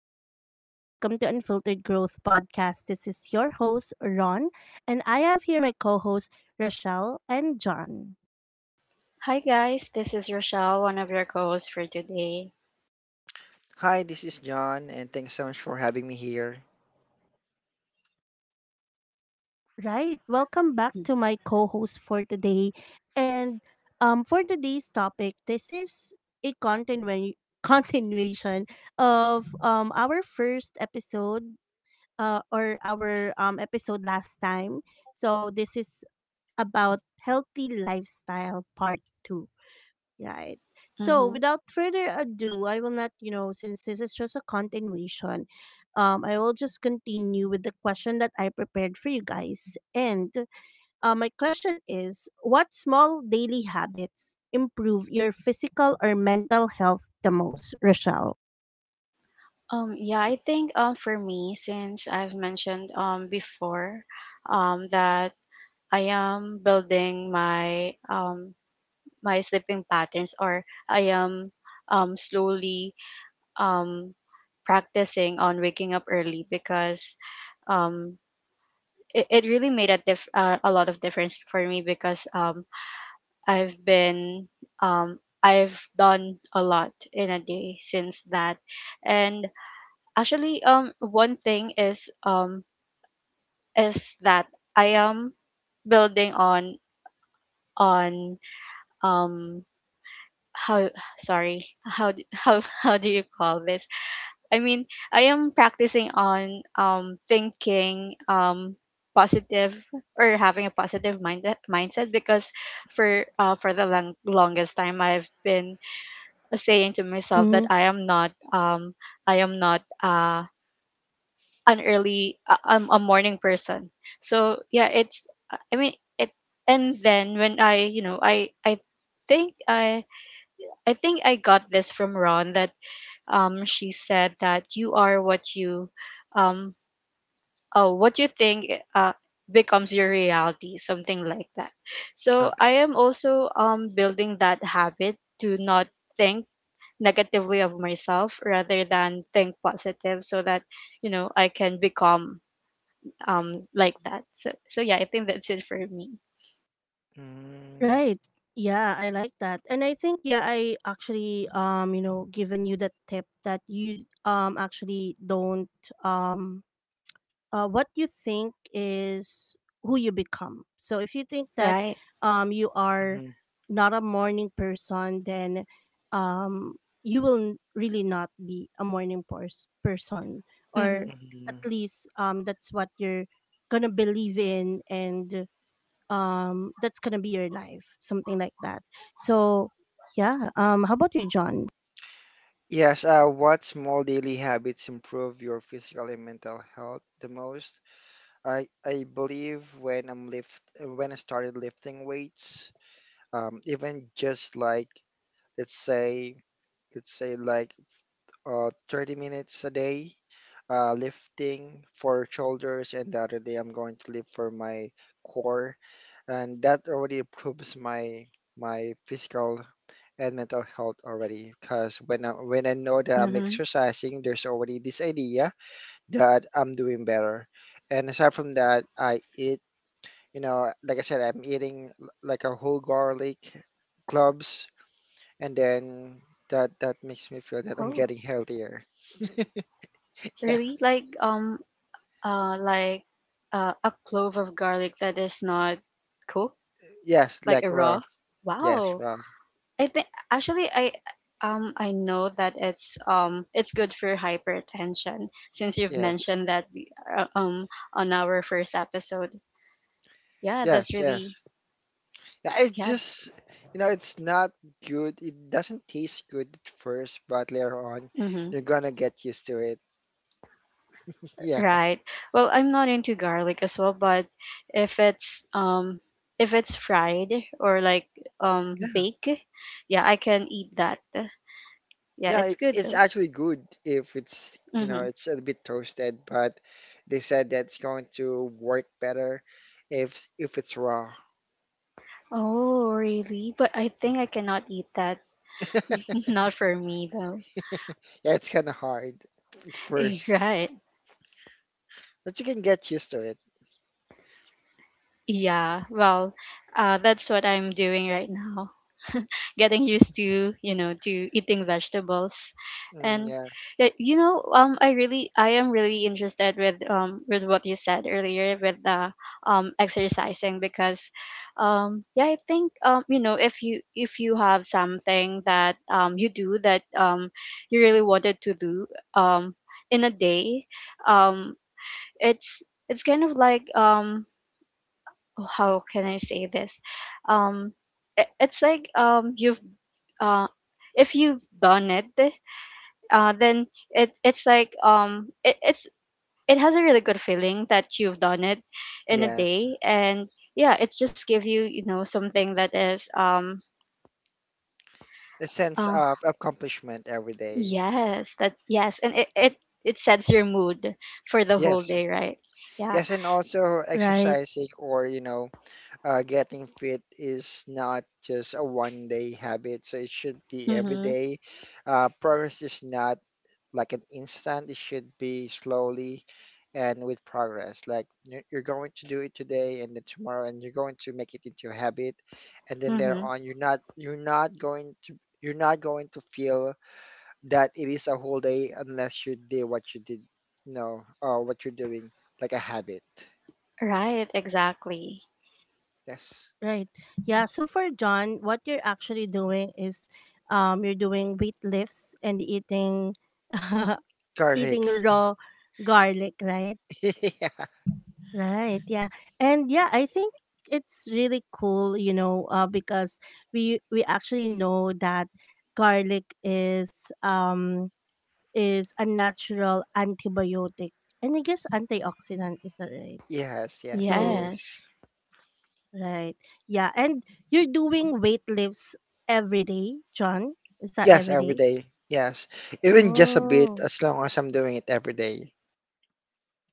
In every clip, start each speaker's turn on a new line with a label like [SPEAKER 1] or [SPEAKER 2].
[SPEAKER 1] Hi, everyone. Welcome to Unfiltered Growth Podcast. This is your host, Ron, and I have here my co hosts, Rochelle and John.
[SPEAKER 2] Hi guys, this is Rochelle, one of your co-hosts for today.
[SPEAKER 3] Hi, this is John, and thanks so much for having me here.
[SPEAKER 1] Right. Welcome back to my co host for today. And for today's topic, this is a continuation of our first episode or our episode last time. So, this is about healthy lifestyle part two. Right. So
[SPEAKER 2] Mm-hmm.
[SPEAKER 1] without further ado, I will not, since this is just a continuation, I will just continue with the question that I prepared for you guys. And my question is what small daily habits improve your physical or mental health the most, Rochelle?
[SPEAKER 2] Yeah, I think for me, since I've mentioned before, that I am building my my sleeping patterns, or I am slowly um practicing on waking up early because um it really made a lot of difference for me because I've been um I've done a lot in a day since that. And actually, one thing is that I am building on um how, sorry, how do you call this? I mean, I am practicing on thinking positive, or having a positive mindset, because for the longest time I've been saying to myself that
[SPEAKER 1] Mm-hmm.
[SPEAKER 2] I am not, an early I'm a morning person. So yeah, it's I mean it and then when I, I think I think I got this from Ron, that she said that you are what you, um oh what you think, becomes your reality, something like that. So
[SPEAKER 3] Okay.
[SPEAKER 2] I am also building that habit to not think negatively of myself, rather than think positive, so that, I can become like that. So yeah, I think that's it for me.
[SPEAKER 3] Mm,
[SPEAKER 1] Right. Yeah, I like that. And I think yeah, I actually given you the tip that you actually don't, um what you think is who you become. So if you think that
[SPEAKER 2] Right.
[SPEAKER 1] you are
[SPEAKER 3] mhm,
[SPEAKER 1] not a morning person, then um, you will really not be a morning person,
[SPEAKER 2] Mm-hmm,
[SPEAKER 1] or at
[SPEAKER 3] mhm.
[SPEAKER 1] least that's what you're gonna believe in, and that's gonna be your life, something like that. So yeah, how about you, John?
[SPEAKER 3] Yes, what small daily habits improve your physical and mental health the most? I believe when I started lifting weights, even just like let's say let's say like 30 minutes a day, lifting for shoulders, and the other day I'm going to lift for my core, and that already improves my my physical and mental health already because when I know that I'm
[SPEAKER 2] mm-hmm.
[SPEAKER 3] exercising, there's already this idea that I'm doing better. And aside from that, I eat, you know, like I said, I'm eating like a whole garlic cloves, and then that makes me feel that I'm
[SPEAKER 2] Oh,
[SPEAKER 3] getting healthier. Yeah.
[SPEAKER 2] really? Like, like, a clove of garlic that is not cooked,
[SPEAKER 3] Yes,
[SPEAKER 2] like
[SPEAKER 3] like
[SPEAKER 2] a
[SPEAKER 3] raw.
[SPEAKER 2] raw.
[SPEAKER 3] Yes,
[SPEAKER 2] Wow.
[SPEAKER 3] raw.
[SPEAKER 2] I think actually, I know that it's good for hypertension since you've
[SPEAKER 3] Yes.
[SPEAKER 2] mentioned that, uh, um on our first episode. Yeah, that's
[SPEAKER 3] Yes,
[SPEAKER 2] really,
[SPEAKER 3] yes. Yeah,
[SPEAKER 2] yeah.
[SPEAKER 3] you know, it's not good. It doesn't taste good at first, but later on,
[SPEAKER 2] Hmm.
[SPEAKER 3] you're gonna get used to it. Yeah.
[SPEAKER 2] Right. Well, I'm not into garlic as well, but if it's um if it's fried, or like,
[SPEAKER 3] Yeah.
[SPEAKER 2] baked, yeah, I can eat that. Yeah,
[SPEAKER 3] Yeah,
[SPEAKER 2] it's good
[SPEAKER 3] it's
[SPEAKER 2] though.
[SPEAKER 3] actually good if it's, you know,
[SPEAKER 2] Mm-hmm.
[SPEAKER 3] it's a bit toasted, but they said that's going to work better if it's raw.
[SPEAKER 2] Oh, really? But I think I cannot eat that. Not for me though.
[SPEAKER 3] Yeah, it's kind of hard at first,
[SPEAKER 2] Right.
[SPEAKER 3] but you can get used to it.
[SPEAKER 2] Yeah. Well, that's what I'm doing right now, getting used to, to eating vegetables.
[SPEAKER 3] Mm,
[SPEAKER 2] And
[SPEAKER 3] yeah.
[SPEAKER 2] I am really interested with what you said earlier with the exercising because, yeah, I think, if you, have something that you do, that you really wanted to do um in a day, um it's it's kind of like, oh, how can I say this, um it's like, you've uh, if you've done it, then it's, it has a really good feeling that you've done it in a
[SPEAKER 3] Yes.
[SPEAKER 2] day. And yeah, it's just give you, you know something that is,
[SPEAKER 3] A sense
[SPEAKER 2] oh
[SPEAKER 3] of accomplishment every day.
[SPEAKER 2] yes, that. Yes, and it it sets your mood for the whole
[SPEAKER 3] Yes.
[SPEAKER 2] day, right? Yeah.
[SPEAKER 3] Yes, and also
[SPEAKER 1] Right.
[SPEAKER 3] exercising or, you know, getting fit is not just a one day habit. So it should be every
[SPEAKER 2] Mhm.
[SPEAKER 3] day. Progress is not like an instant, it should be slowly and with progress. Like you're going to do it today and then tomorrow, and you're going to make it into a habit. And then later
[SPEAKER 2] Mhm.
[SPEAKER 3] on, you're not going to, you're not going to feel that it is a whole day unless you do what you did, you know, what you're doing like a habit.
[SPEAKER 2] Right. Exactly.
[SPEAKER 3] Yes,
[SPEAKER 1] Right. Yeah. So for John, what you're actually doing is you're doing weight lifts and eating eating
[SPEAKER 3] garlic.
[SPEAKER 1] raw garlic, right?
[SPEAKER 3] Yeah.
[SPEAKER 1] Right. Yeah. And yeah, I think it's really cool, you know, because we actually know that garlic is a natural antibiotic, and I guess antioxidant, is it right?
[SPEAKER 3] Yes, yes, it
[SPEAKER 1] So
[SPEAKER 2] Yes.
[SPEAKER 3] is.
[SPEAKER 1] right. Yeah. And you're doing weight lifts every day, John? Is that
[SPEAKER 3] Yes,
[SPEAKER 1] every
[SPEAKER 3] every
[SPEAKER 1] day?
[SPEAKER 3] day. Yes, even just a bit,
[SPEAKER 1] Oh,
[SPEAKER 3] as long as I'm doing it every day.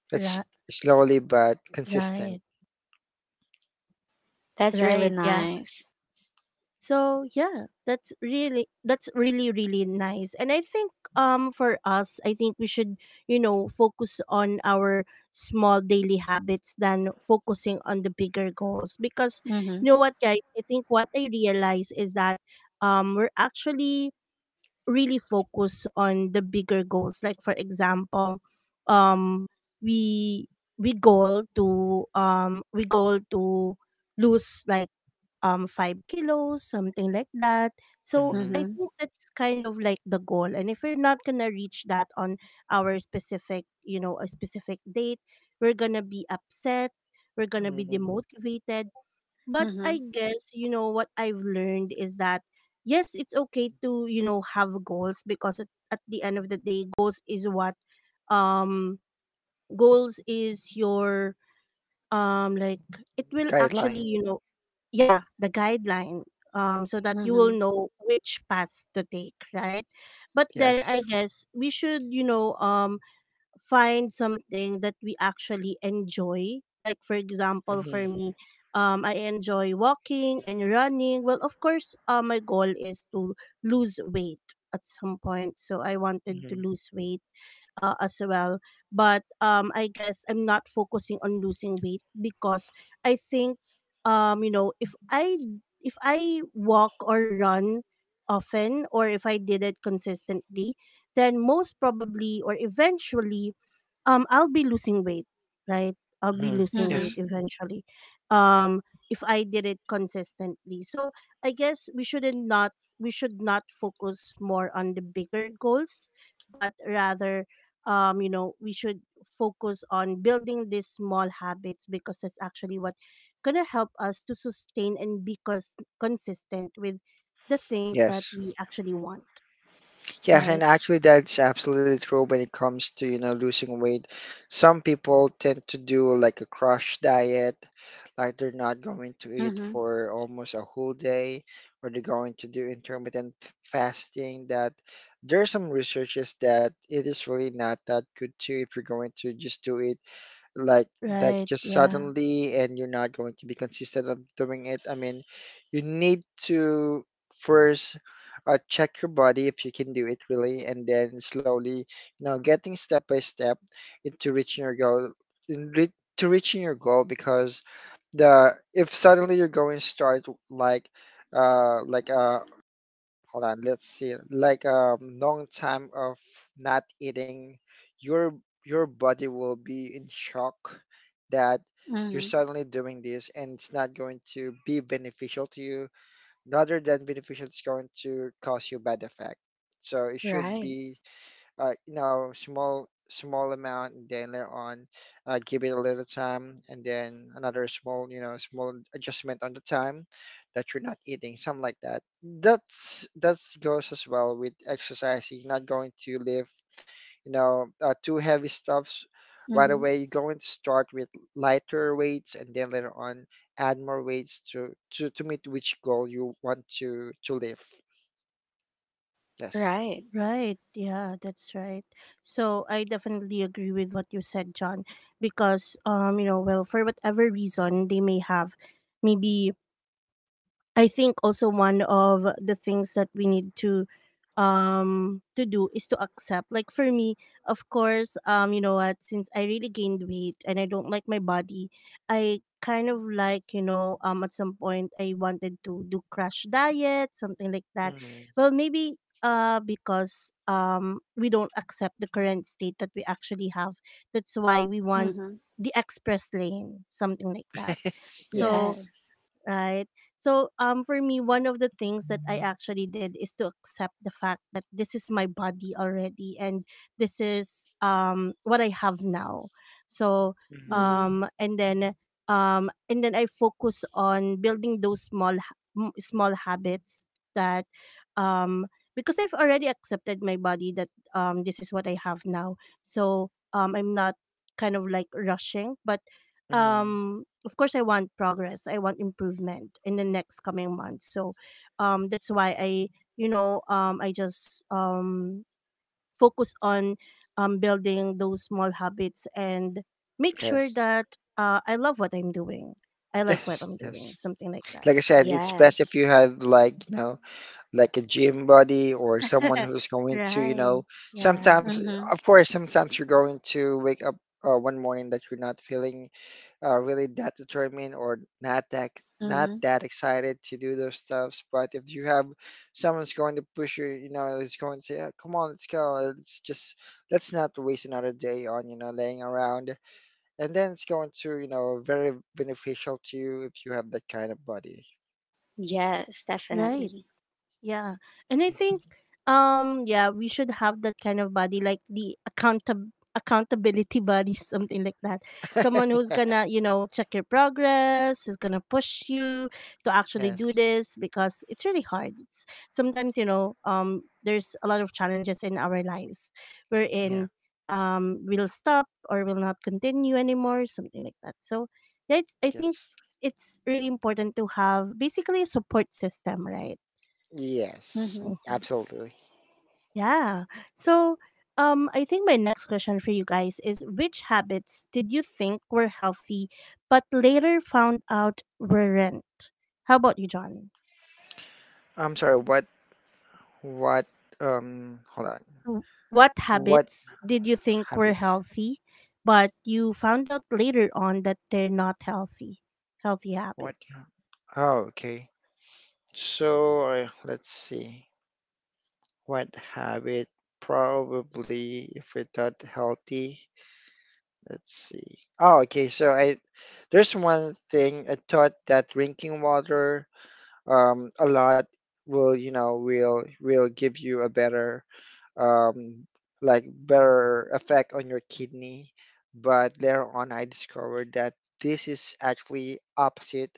[SPEAKER 3] That's
[SPEAKER 1] right.
[SPEAKER 3] slowly but consistent.
[SPEAKER 1] Right.
[SPEAKER 2] That's really
[SPEAKER 1] Right. Yeah.
[SPEAKER 2] nice.
[SPEAKER 1] So, yeah, that's really, really nice. And I think, for us, I think we should focus on our small daily habits than focusing on the bigger goals. Because, you
[SPEAKER 2] Mhm.
[SPEAKER 1] know what, guys, I think what I realize is that, we're actually really focus on the bigger goals, like for example, um we we goal to lose like 5 kilos, something like that. So
[SPEAKER 3] Hmm.
[SPEAKER 1] I
[SPEAKER 2] Mhm.
[SPEAKER 1] think that's kind of like the goal, and if we're not gonna reach that on our specific you know a specific date, we're gonna be upset, we're gonna be
[SPEAKER 3] Hmm.
[SPEAKER 1] demotivated. But I
[SPEAKER 2] Mhm.
[SPEAKER 1] guess, you know, what I've learned is that yes, it's okay to, you know, have goals, because at the end of the day, goals is what, um goals is your, like, it will actually,
[SPEAKER 3] Guideline.
[SPEAKER 1] you know, yeah, the guideline, so that you will
[SPEAKER 2] Mhm.
[SPEAKER 1] know which path to take, right? But then I
[SPEAKER 3] Yes.
[SPEAKER 1] guess we should, you know, find something that we actually enjoy. Like for example,
[SPEAKER 3] Hmm.
[SPEAKER 1] for me, I enjoy walking and running. Well, of course, my goal is to lose weight at some point. So I wanted
[SPEAKER 3] Hmm.
[SPEAKER 1] to lose weight as well. But I guess I'm not focusing on losing weight because I think, you know, if I, if I walk or run often, or if I did it consistently, then most probably or eventually, I'll be losing weight, right? I'll be
[SPEAKER 3] Hmm.
[SPEAKER 1] losing weight
[SPEAKER 2] Mhm.
[SPEAKER 3] Yes.
[SPEAKER 1] eventually. Um if I did it consistently. So I guess we shouldn't not we should not focus more on the bigger goals, but rather, you know, we should focus on building these small habits, because that's actually what gonna help us to sustain and be consistent with the things that
[SPEAKER 3] Yes.
[SPEAKER 1] we actually want,
[SPEAKER 3] Yeah, and
[SPEAKER 1] right?
[SPEAKER 3] actually that's absolutely true when it comes to, you know, losing weight. Some people tend to do like a crash diet, like they're not going to eat
[SPEAKER 2] Mhm.
[SPEAKER 3] for almost a whole day, or they're going to do intermittent fasting that there are some researches that it is really not that good too if you're going to just do it like like
[SPEAKER 1] Right.
[SPEAKER 3] just
[SPEAKER 1] Yeah.
[SPEAKER 3] suddenly and you're not going to be consistent of doing it. I mean, you need to first check your body if you can do it really, and then slowly, you know, getting step by step into reaching your goal to reaching your goal because the if suddenly you're going to start like like a Hold on, let's see. Like a long time of not eating, your your body will be in shock that you're
[SPEAKER 2] Mhm.
[SPEAKER 3] suddenly doing this, and it's not going to be beneficial to you. Rather than beneficial, it's going to cause you bad effect. So it should
[SPEAKER 2] Right.
[SPEAKER 3] be you know, small amount, and then later on, give it a little time, and then another small, you know, small adjustment on the time that you're not eating, something like that. That's that goes as well with exercise. You're not going to lift, you know, too heavy stuffs right
[SPEAKER 2] Mm-hmm.
[SPEAKER 3] away. You're going to start with lighter weights, and then later on add more weights to meet which goal you want to lift. Yes.
[SPEAKER 2] Right.
[SPEAKER 1] Right. Yeah, that's right. So I definitely agree with what you said, John, because you know, well, for whatever reason they may have, maybe I think also one of the things that we need to do is to accept. Like for me, of course, you know what, since I really gained weight and I don't like my body, I kind of like, you know, at some point I wanted to do crash diet, something like that.
[SPEAKER 3] Hmm.
[SPEAKER 1] Well, maybe because we don't accept the current state that we actually have. That's why we want
[SPEAKER 2] Mm-hmm.
[SPEAKER 1] the express lane, something like that. So
[SPEAKER 3] Yes.
[SPEAKER 2] Yes.
[SPEAKER 1] right? So for me one of the things that I actually did is to accept the fact that this is my body already, and this is what I have now. So
[SPEAKER 3] Hmm.
[SPEAKER 2] Mm-hmm.
[SPEAKER 1] and then, and then I focus on building those small small habits that, um because I've already accepted my body, that this is what I have now. So I'm not kind of like rushing, but
[SPEAKER 3] Hmm.
[SPEAKER 1] um of course I want progress. I want improvement in the next coming months. So that's why I, you know, I just, focus on, building those small habits and make sure
[SPEAKER 3] Yes.
[SPEAKER 1] that I love what I'm doing. I like what
[SPEAKER 3] Yes.
[SPEAKER 1] I'm doing,
[SPEAKER 3] Yes.
[SPEAKER 1] something like that.
[SPEAKER 3] Like I said, it's best if
[SPEAKER 2] Yes.
[SPEAKER 3] you had, like, you know, like a gym buddy or someone who's going to, you
[SPEAKER 1] Right.
[SPEAKER 3] know,
[SPEAKER 1] Yeah.
[SPEAKER 3] sometimes,
[SPEAKER 2] Mm-hmm.
[SPEAKER 3] of course, sometimes you're going to wake up one morning that you're not feeling really that determined, or not
[SPEAKER 2] Mm-hmm.
[SPEAKER 3] that excited to do those stuffs. But if you have someone's going to push you, you know, is going to say, "Yeah, come on, let's go. Let's not waste another day on, you know, laying around." And then it's going to, you know, very beneficial to you if you have that kind of body.
[SPEAKER 2] Yes,
[SPEAKER 1] Right.
[SPEAKER 2] definitely.
[SPEAKER 1] Yeah. And I think, yeah, we should have that kind of body, like the accountability body something like that. Someone who's going to, you know, check your progress, who's going to push you to actually do
[SPEAKER 3] Yes.
[SPEAKER 1] this, because it's really hard. It's, sometimes, you know, there's a lot of challenges in our lives
[SPEAKER 3] Yeah.
[SPEAKER 1] wherein we'll stop or we'll not continue anymore, something like that. So, yeah, it's, I think
[SPEAKER 3] Yes.
[SPEAKER 1] it's really important to have basically a support system, right?
[SPEAKER 3] Yes,
[SPEAKER 2] Mm-hmm.
[SPEAKER 1] Mm-hmm.
[SPEAKER 3] absolutely.
[SPEAKER 1] Yeah. So, I think my next question for you guys is which habits did you think were healthy but later found out weren't? How about you, John?
[SPEAKER 3] I'm sorry what hold on
[SPEAKER 1] W- What
[SPEAKER 3] what
[SPEAKER 1] habits did you think were
[SPEAKER 3] habits
[SPEAKER 1] healthy but you found out later on that they're not healthy? Healthy
[SPEAKER 3] what
[SPEAKER 1] habits.
[SPEAKER 3] ha- oh okay so Let's see. What habit Probably, if we thought healthy, let's see. Oh okay so I There's one thing I thought, that drinking water a lot will, you know, will give you a better um, like better effect on your kidney. But later on I discovered that this is actually opposite,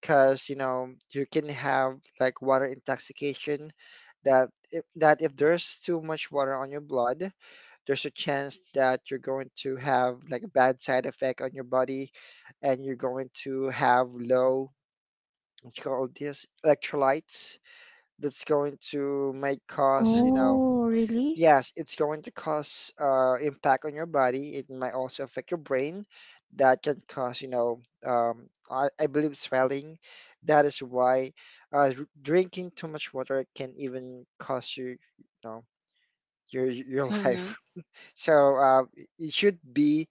[SPEAKER 3] because you know you can have like water intoxication. That if there's too much water on your blood, there's a chance that you're going to have like a bad side effect on your body, and you're going to have low, what you call this, electrolytes, that's going to make cause, you know.
[SPEAKER 2] Mm-hmm.
[SPEAKER 1] Oh, really?
[SPEAKER 3] Yes, it's going to cause impact on your body. It might also affect your brain that can cause, you know, I believe swelling. That is why drinking too much water can even cost you, you know, your
[SPEAKER 2] Mm-hmm.
[SPEAKER 3] life. So it should be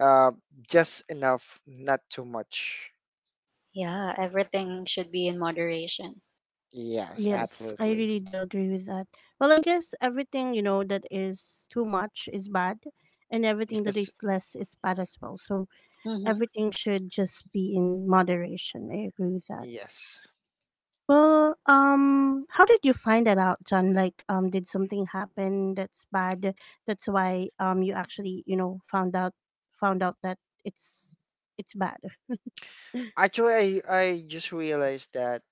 [SPEAKER 3] uh, just enough, not too much.
[SPEAKER 2] Yeah, everything should be in moderation.
[SPEAKER 3] Yes,
[SPEAKER 1] Yes, I
[SPEAKER 3] absolutely.
[SPEAKER 1] really do agree with that. Well, I guess everything, you know, that is too much is bad, and everything that
[SPEAKER 3] Yes.
[SPEAKER 1] is less is bad as well. So
[SPEAKER 2] Mm-hmm.
[SPEAKER 1] everything should just be in moderation. I agree with that.
[SPEAKER 3] Yes.
[SPEAKER 1] Well, how did you find that out, John? Like, did something happen that's bad? That's why you actually, you know, found out that it's bad.
[SPEAKER 3] Actually, I just realized that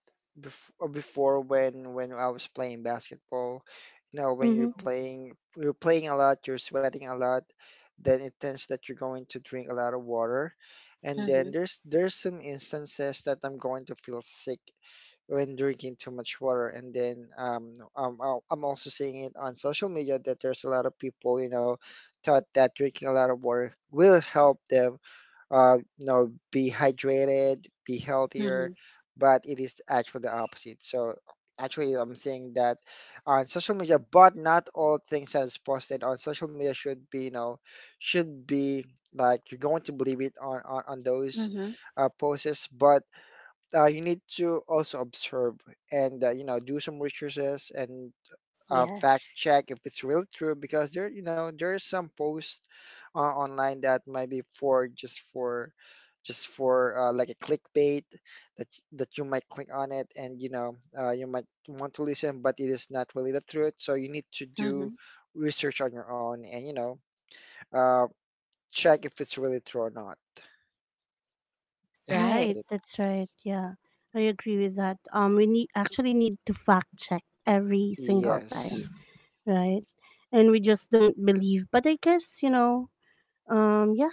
[SPEAKER 3] before, when I was playing basketball, you know, when
[SPEAKER 1] Mm-hmm.
[SPEAKER 3] you're playing a lot, you're sweating a lot, then it tends that you're going to drink a lot of water, and
[SPEAKER 2] Mm-hmm.
[SPEAKER 3] then there's some instances that I'm going to feel sick when drinking too much water. And then I'm also seeing it on social media that there's a lot of people, you know, thought that drinking a lot of water will help them, you know, be hydrated, be
[SPEAKER 2] Mm-hmm.
[SPEAKER 3] healthier, but it is actually the opposite. So actually, I'm saying that on social media, but not all things that is posted on social media should be, you know, should be like you're going to believe it on those
[SPEAKER 2] Mm-hmm.
[SPEAKER 3] posts. But you need to also observe, and you know, do some researches, and fact
[SPEAKER 2] Yes.
[SPEAKER 3] check if it's really true, because there, you know, there is some posts online that might be for just for just for like a clickbait, that you might click on it, and you know, you might want to listen, but it is not really the truth. So you need to
[SPEAKER 2] Mm-hmm.
[SPEAKER 3] do research on your own, and you know, uh, check if it's really true or not. Yes,
[SPEAKER 2] Right.
[SPEAKER 3] that's
[SPEAKER 1] Right,
[SPEAKER 3] it.
[SPEAKER 1] that's right. Yeah, I agree with that. We need actually need to fact check every single time.
[SPEAKER 3] Yes.
[SPEAKER 1] Right? And we just don't believe. But I guess, you know, yeah,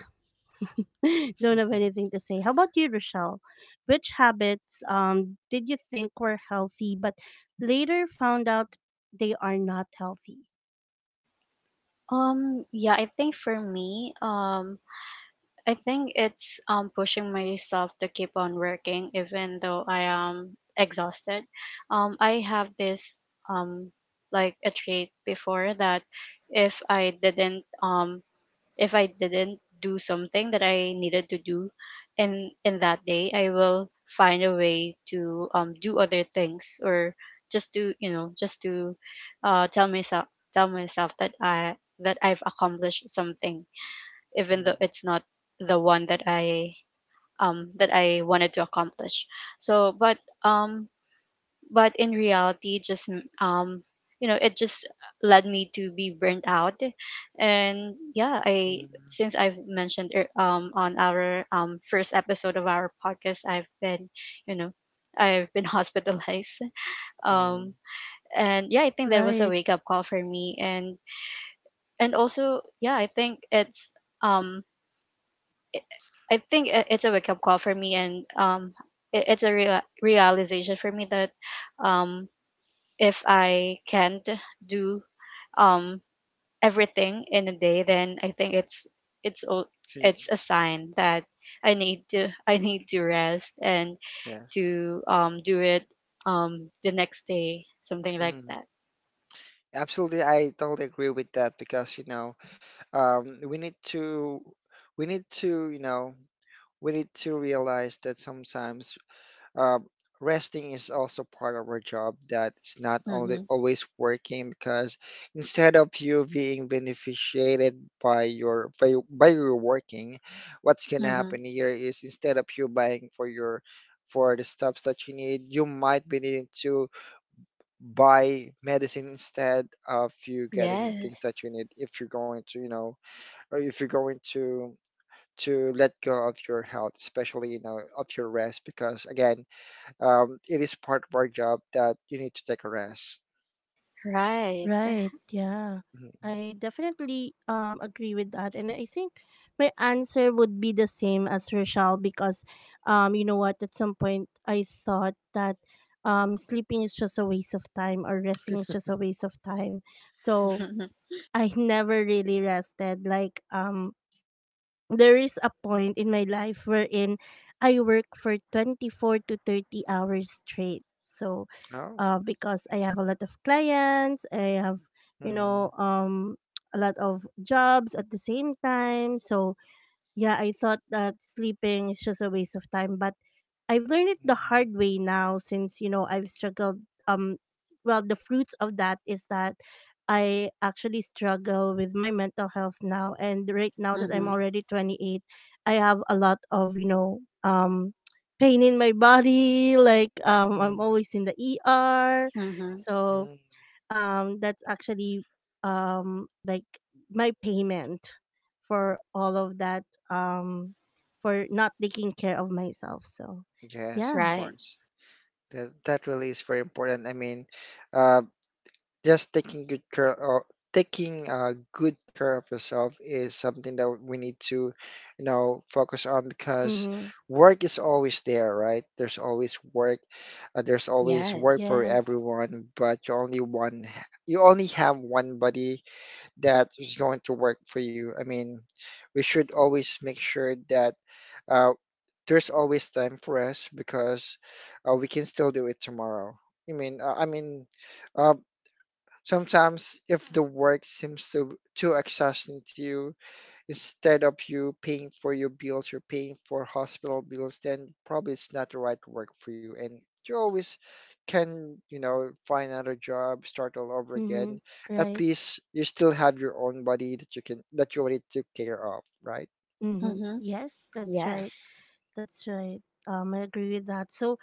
[SPEAKER 1] don't have anything to say. How about you, Rochelle? Which habits, did you think were healthy, but later found out they are not healthy?
[SPEAKER 2] Yeah, I think for me, I think it's, pushing myself to keep on working even though I am exhausted. I have this, um like a trait before, that if I didn't um if I didn't do something that I needed to do in that day, I will find a way to do other things, or just to, you know, just to uh tell myself tell myself that I that I've accomplished something, even though
[SPEAKER 3] Mm,
[SPEAKER 2] it's not the one that I, that I wanted to accomplish. So, um, but in reality, just you know, it just led me to be burnt out. And yeah, I
[SPEAKER 3] mm,
[SPEAKER 2] since I've mentioned, on our first episode of our podcast, I've been, you know, I've been hospitalized.
[SPEAKER 3] mm.
[SPEAKER 2] um. And yeah, I think that was a
[SPEAKER 1] Right.
[SPEAKER 2] wake up call for me, and also yeah, I think it's, um I think it's a wake up call for me. And it's a realization for me that, um, if I can't do um everything in a day, then I think it's it's a sign that I need to I need to rest and
[SPEAKER 3] Yes.
[SPEAKER 2] to do it the next day, something like that.
[SPEAKER 3] Absolutely, I totally agree with that because you know, um, we need to, we need to, you know, we need to realize that sometimes uh, resting is also part of our job. That it's not only
[SPEAKER 2] Mhm.
[SPEAKER 3] always working, because instead of you being beneficiated by your by your working, what's gonna
[SPEAKER 2] Mhm.
[SPEAKER 3] happen here is instead of you buying for your, for the stuffs that you need, you might be needing to buy medicine instead of you getting the things
[SPEAKER 2] Yes.
[SPEAKER 3] that you need. If you're going to, you know, or if you're going to let go of your health, especially, you know, of your rest, because again, it is part of our job that you need to take a rest.
[SPEAKER 2] Right.
[SPEAKER 1] Right. Yeah.
[SPEAKER 3] Mhm.
[SPEAKER 1] I definitely agree with that, and I think my answer would be the same as Rochelle, because you know what, at some point I thought that sleeping is just a waste of time, or resting is just a waste of time. So
[SPEAKER 2] Mhm.
[SPEAKER 1] I never really rested, like there is a point in my life wherein I work for 24 to 30 hours straight. So,
[SPEAKER 3] No.
[SPEAKER 1] because I have a lot of clients, I have, you
[SPEAKER 3] Mm,
[SPEAKER 1] know, a lot of jobs at the same time. So, yeah, I thought that sleeping is just a waste of time. But I've learned it the
[SPEAKER 3] mm,
[SPEAKER 1] hard way now, since you know I've struggled, um well the fruits of that is that I actually struggle with my mental health now, and right now that
[SPEAKER 3] mm,
[SPEAKER 1] I'm already 28, I have a lot of, you know, pain in my body, like I'm
[SPEAKER 3] mm,
[SPEAKER 1] always in the ER.
[SPEAKER 2] Mhm.
[SPEAKER 1] So
[SPEAKER 3] mm.
[SPEAKER 1] that's actually like my payment for all of that, um for not taking care of myself. So
[SPEAKER 3] Yes, of
[SPEAKER 1] yeah.
[SPEAKER 2] Right.
[SPEAKER 3] course. That really is very important. I mean, uh, just taking good care of, taking good care of yourself is something that we need to, you know, focus on, because
[SPEAKER 1] Mm-hmm.
[SPEAKER 3] work is always there. Right, there's always work, there's always work
[SPEAKER 2] Yes.
[SPEAKER 3] for
[SPEAKER 1] Yes.
[SPEAKER 3] everyone, but you only one, you only have one body that is going to work for you. I mean, we should always make sure that uh, there's always time for us, because we can still do it tomorrow. i mean uh, i mean uh, Sometimes, if the work seems to, too exhausting to you, instead of you paying for your bills, you're paying for hospital bills, then probably it's not the right work for you. And you always can, you know, find another job, start all over
[SPEAKER 1] Mm-hmm.
[SPEAKER 3] again. At
[SPEAKER 1] Right.
[SPEAKER 3] least you still have your own body that you can, that you already took care of, right?
[SPEAKER 1] Mm-hmm.
[SPEAKER 2] Mhm.
[SPEAKER 1] Yes, that's right.
[SPEAKER 3] Yes.
[SPEAKER 2] Yes.
[SPEAKER 1] That's right. I agree with that. So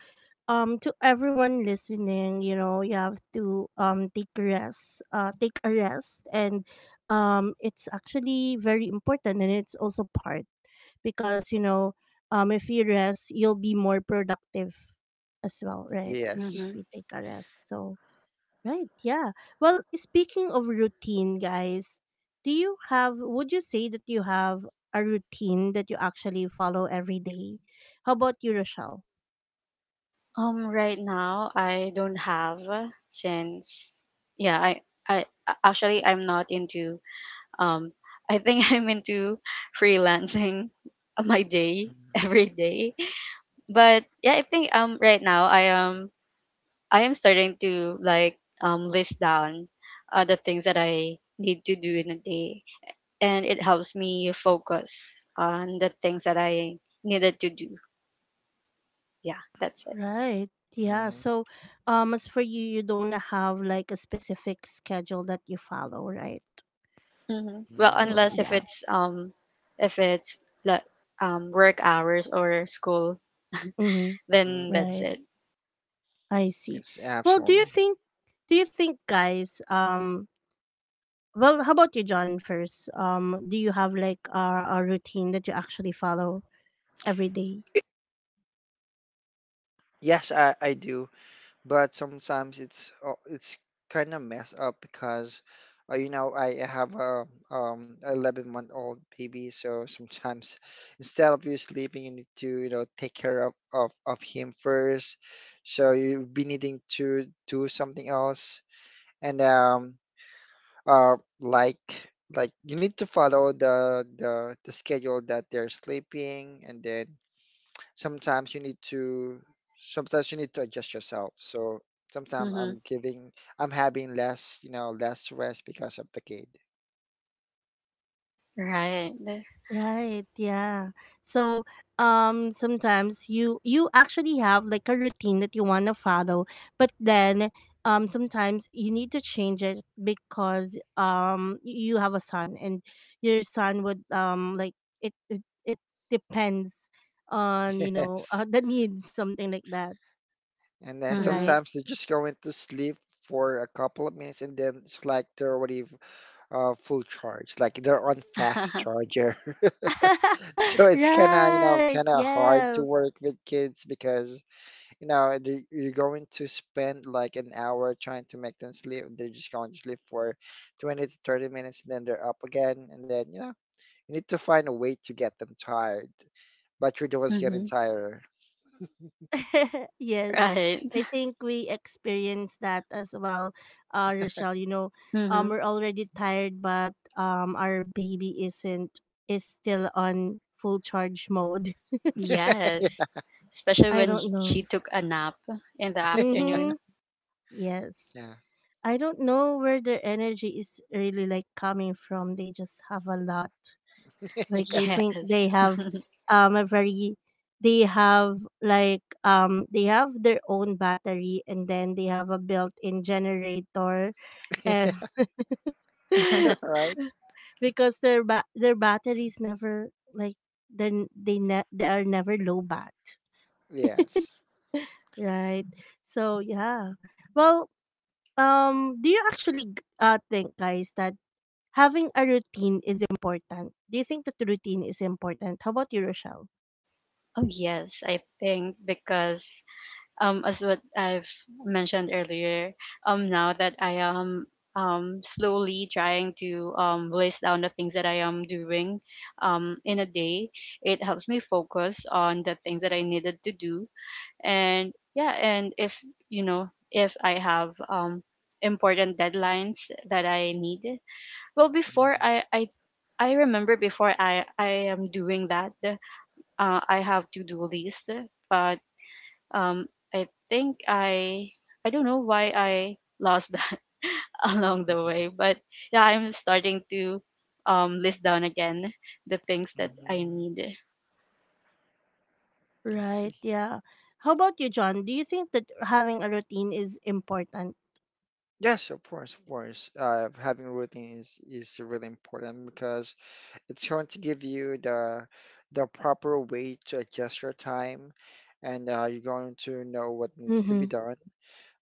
[SPEAKER 1] to everyone listening, you know, you have to take rest, take a rest, and it's actually very important, and it's also part, because you know, if you rest you'll be more productive as well, right? If
[SPEAKER 3] Yes.
[SPEAKER 2] Mm-hmm.
[SPEAKER 1] we take a rest. So right. Yeah. Well, speaking of routine guys, do you have, would you say that you have a routine that you actually follow every day? How about you, Rochelle?
[SPEAKER 2] Right now I don't have, since yeah, actually I'm not into, um I think I'm into freelancing my day every day. But yeah, I think right now I am starting to, like, list down the things that I need to do in a day, and it helps me focus on the things that I needed to do. Yeah, that's it.
[SPEAKER 1] Right. Yeah.
[SPEAKER 3] Mhm.
[SPEAKER 1] So as for you, you don't have like a specific schedule that you follow, right?
[SPEAKER 2] Hmm. Well,
[SPEAKER 3] Mhm.
[SPEAKER 1] So
[SPEAKER 2] unless if
[SPEAKER 1] yeah.
[SPEAKER 2] it's if it's like, work hours or school,
[SPEAKER 1] Mm-hmm.
[SPEAKER 2] then that's
[SPEAKER 1] Right.
[SPEAKER 3] Mhm.
[SPEAKER 2] it.
[SPEAKER 1] I see.
[SPEAKER 3] Yes,
[SPEAKER 1] Well, do you
[SPEAKER 3] absolutely.
[SPEAKER 1] think, do you think guys, well, how about you John first? Do you have like a routine that you actually follow every day?
[SPEAKER 3] Yes, I do. But sometimes it's kind of messed up because you know I have a 11-month-old baby, so sometimes instead of you sleeping you need to, you know, take care of him first, so you'll be needing to do something else. And uh like like you need to follow the schedule that they're sleeping, and then sometimes you need to sometimes you need to adjust yourself. So sometimes
[SPEAKER 2] Mm-hmm.
[SPEAKER 3] I'm having less, you know, less rest because of the kid.
[SPEAKER 2] Right.
[SPEAKER 1] Right, yeah. So sometimes you, you actually have like a routine that you want to follow, but then sometimes you need to change it because you have a son, and your son would like it it, it depends on, you know,
[SPEAKER 3] Yes.
[SPEAKER 1] the needs, something like that,
[SPEAKER 3] And then
[SPEAKER 2] Mm-hmm.
[SPEAKER 1] right?
[SPEAKER 3] sometimes they're just going to sleep for a couple of minutes, and then it's like they're already full charge, like they're on fast charger. So it's kind of, you know,
[SPEAKER 1] Right.
[SPEAKER 3] kind of hard to
[SPEAKER 1] Yes.
[SPEAKER 3] work with kids because you know, they- you're going to spend like an hour trying to make them sleep. They're just going to sleep for 20 to 30 minutes and then they're up again. And then, you know, you need to find a way to get them tired. But you're the ones getting
[SPEAKER 2] Mm-hmm.
[SPEAKER 3] tired.
[SPEAKER 1] Yes,
[SPEAKER 2] Right.
[SPEAKER 1] I think we experienced that as well, Rochelle. You know,
[SPEAKER 2] Mm-hmm.
[SPEAKER 1] we're already tired, but our baby isn't, is still on full charge mode.
[SPEAKER 2] Yes. Especially
[SPEAKER 1] I
[SPEAKER 2] when he,
[SPEAKER 1] don't know.
[SPEAKER 2] she took a nap in the
[SPEAKER 1] Mm-hmm.
[SPEAKER 2] afternoon.
[SPEAKER 1] Yes,
[SPEAKER 3] Yeah.
[SPEAKER 1] I don't know where their energy is really like coming from. They just have a lot. Like I think they
[SPEAKER 2] Yes.
[SPEAKER 1] have a very they have Like, they have their own battery, and then they have a built-in generator. And
[SPEAKER 3] Yeah. Right?
[SPEAKER 1] Because their batteries never like, they are never low bat,
[SPEAKER 3] Yes.
[SPEAKER 1] right? So yeah. Well, do you actually think, guys, that having a routine is important? Do you think that the routine is important? How about you, Rochelle?
[SPEAKER 2] Oh yes, I think, because as what I've mentioned earlier, now that I am slowly trying to, list down the things that I am doing in a day, it helps me focus on the things that I needed to do. And yeah, and if, you know, if I have, important deadlines that I need, well, before I remember before I am doing that, I have to do list, but, um I think I don't know why I lost that along the
[SPEAKER 3] Mm.
[SPEAKER 2] way, but yeah, I'm starting to list down again the things that I need.
[SPEAKER 3] I see.
[SPEAKER 1] Right, yeah. How about you, John? Do you think that having a routine is important?
[SPEAKER 3] Yes, of course, of course. Having routine is really important because it's going to give you the proper way to adjust your time, and you're going to know what needs to be
[SPEAKER 1] Mm-hmm.
[SPEAKER 3] done.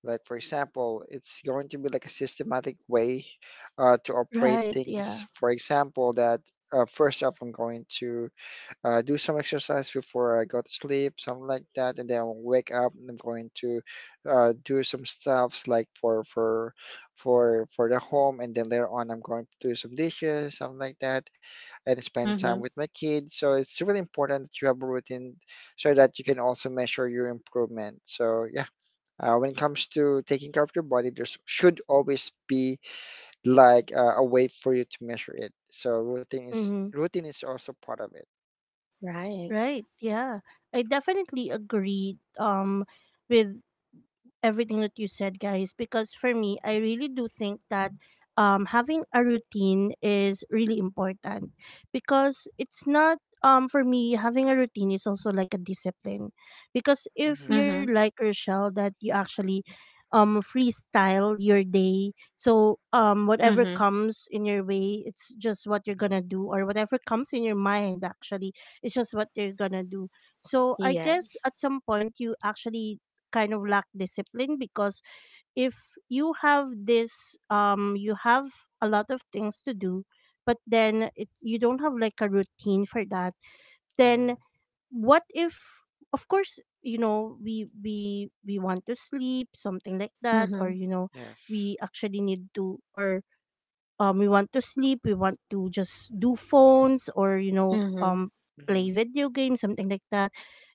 [SPEAKER 3] Like for example, it's going to be like a systematic way to operate
[SPEAKER 1] Right, yeah.
[SPEAKER 3] things. For example, that first off, I'm going to do some exercise before I go to sleep, something like that, and then I'll wake up and I'm going to do some stuffs like for the home, and then later on I'm going to do some dishes, something like that, and spend time
[SPEAKER 2] Hmm.
[SPEAKER 3] with my kids. So it's really important that you have a routine so that you can also measure your improvement. So yeah, when it comes to taking care of your body, there should always be like a way for you to measure it. So
[SPEAKER 1] Mm-hmm.
[SPEAKER 3] routine is also part of
[SPEAKER 2] Right.
[SPEAKER 1] Right. Yeah. I definitely agree with everything that you said, guys, because for me, I really do think that, having a routine is really important, because it's not, for me, having a routine is also like a discipline. Because
[SPEAKER 3] it.
[SPEAKER 1] if you're
[SPEAKER 2] Mm-hmm.
[SPEAKER 1] like Rochelle, that you actually freestyle your day, so whatever
[SPEAKER 2] Mm-hmm.
[SPEAKER 1] comes in your way, it's just what you're gonna
[SPEAKER 3] hmm
[SPEAKER 1] do, or whatever comes in your mind, actually, it's just what you're gonna do. So I guess at
[SPEAKER 2] Yes.
[SPEAKER 1] some point you actually kind of lack discipline, because if you have this, you have a lot of things to do, but then you don't have like a routine for that, then
[SPEAKER 3] hmm
[SPEAKER 1] what if, of course, you know, we want to sleep, something like that, or
[SPEAKER 2] Mm-hmm.
[SPEAKER 1] you know,
[SPEAKER 3] Yes.
[SPEAKER 1] we actually need to, or we want to sleep, we want to just do phones, or you know,
[SPEAKER 2] Mm-hmm.
[SPEAKER 1] play
[SPEAKER 3] hmm
[SPEAKER 1] video games, something like that,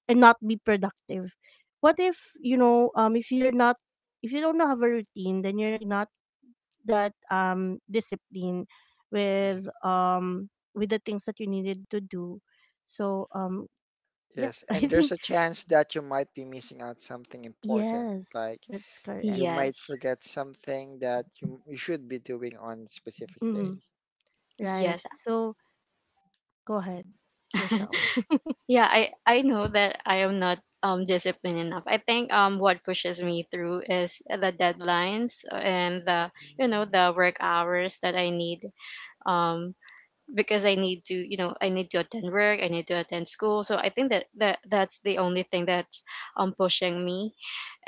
[SPEAKER 1] and not be productive. What if, you know, if you're not, if you don't have a routine, then you're not that disciplined
[SPEAKER 3] Yes.
[SPEAKER 1] with the things that you needed to do. So yeah.
[SPEAKER 3] Yes.
[SPEAKER 1] I
[SPEAKER 3] And there's
[SPEAKER 1] think,
[SPEAKER 3] a chance that you might be missing out something important.
[SPEAKER 1] yes,
[SPEAKER 3] Like
[SPEAKER 1] that's correct.
[SPEAKER 3] you might
[SPEAKER 2] Yes.
[SPEAKER 3] forget something that you should be doing on specific
[SPEAKER 1] Hmm.
[SPEAKER 3] day.
[SPEAKER 1] Right,
[SPEAKER 2] Yes.
[SPEAKER 1] so go ahead, Rochelle.
[SPEAKER 2] Yeah, I know that I am not disciplined enough. I think, what pushes me through is the deadlines, and the, you know, the work hours that I need, um because I need to, you know, I need to attend work, I need to attend school. So I think that, that's the only thing that's, pushing me,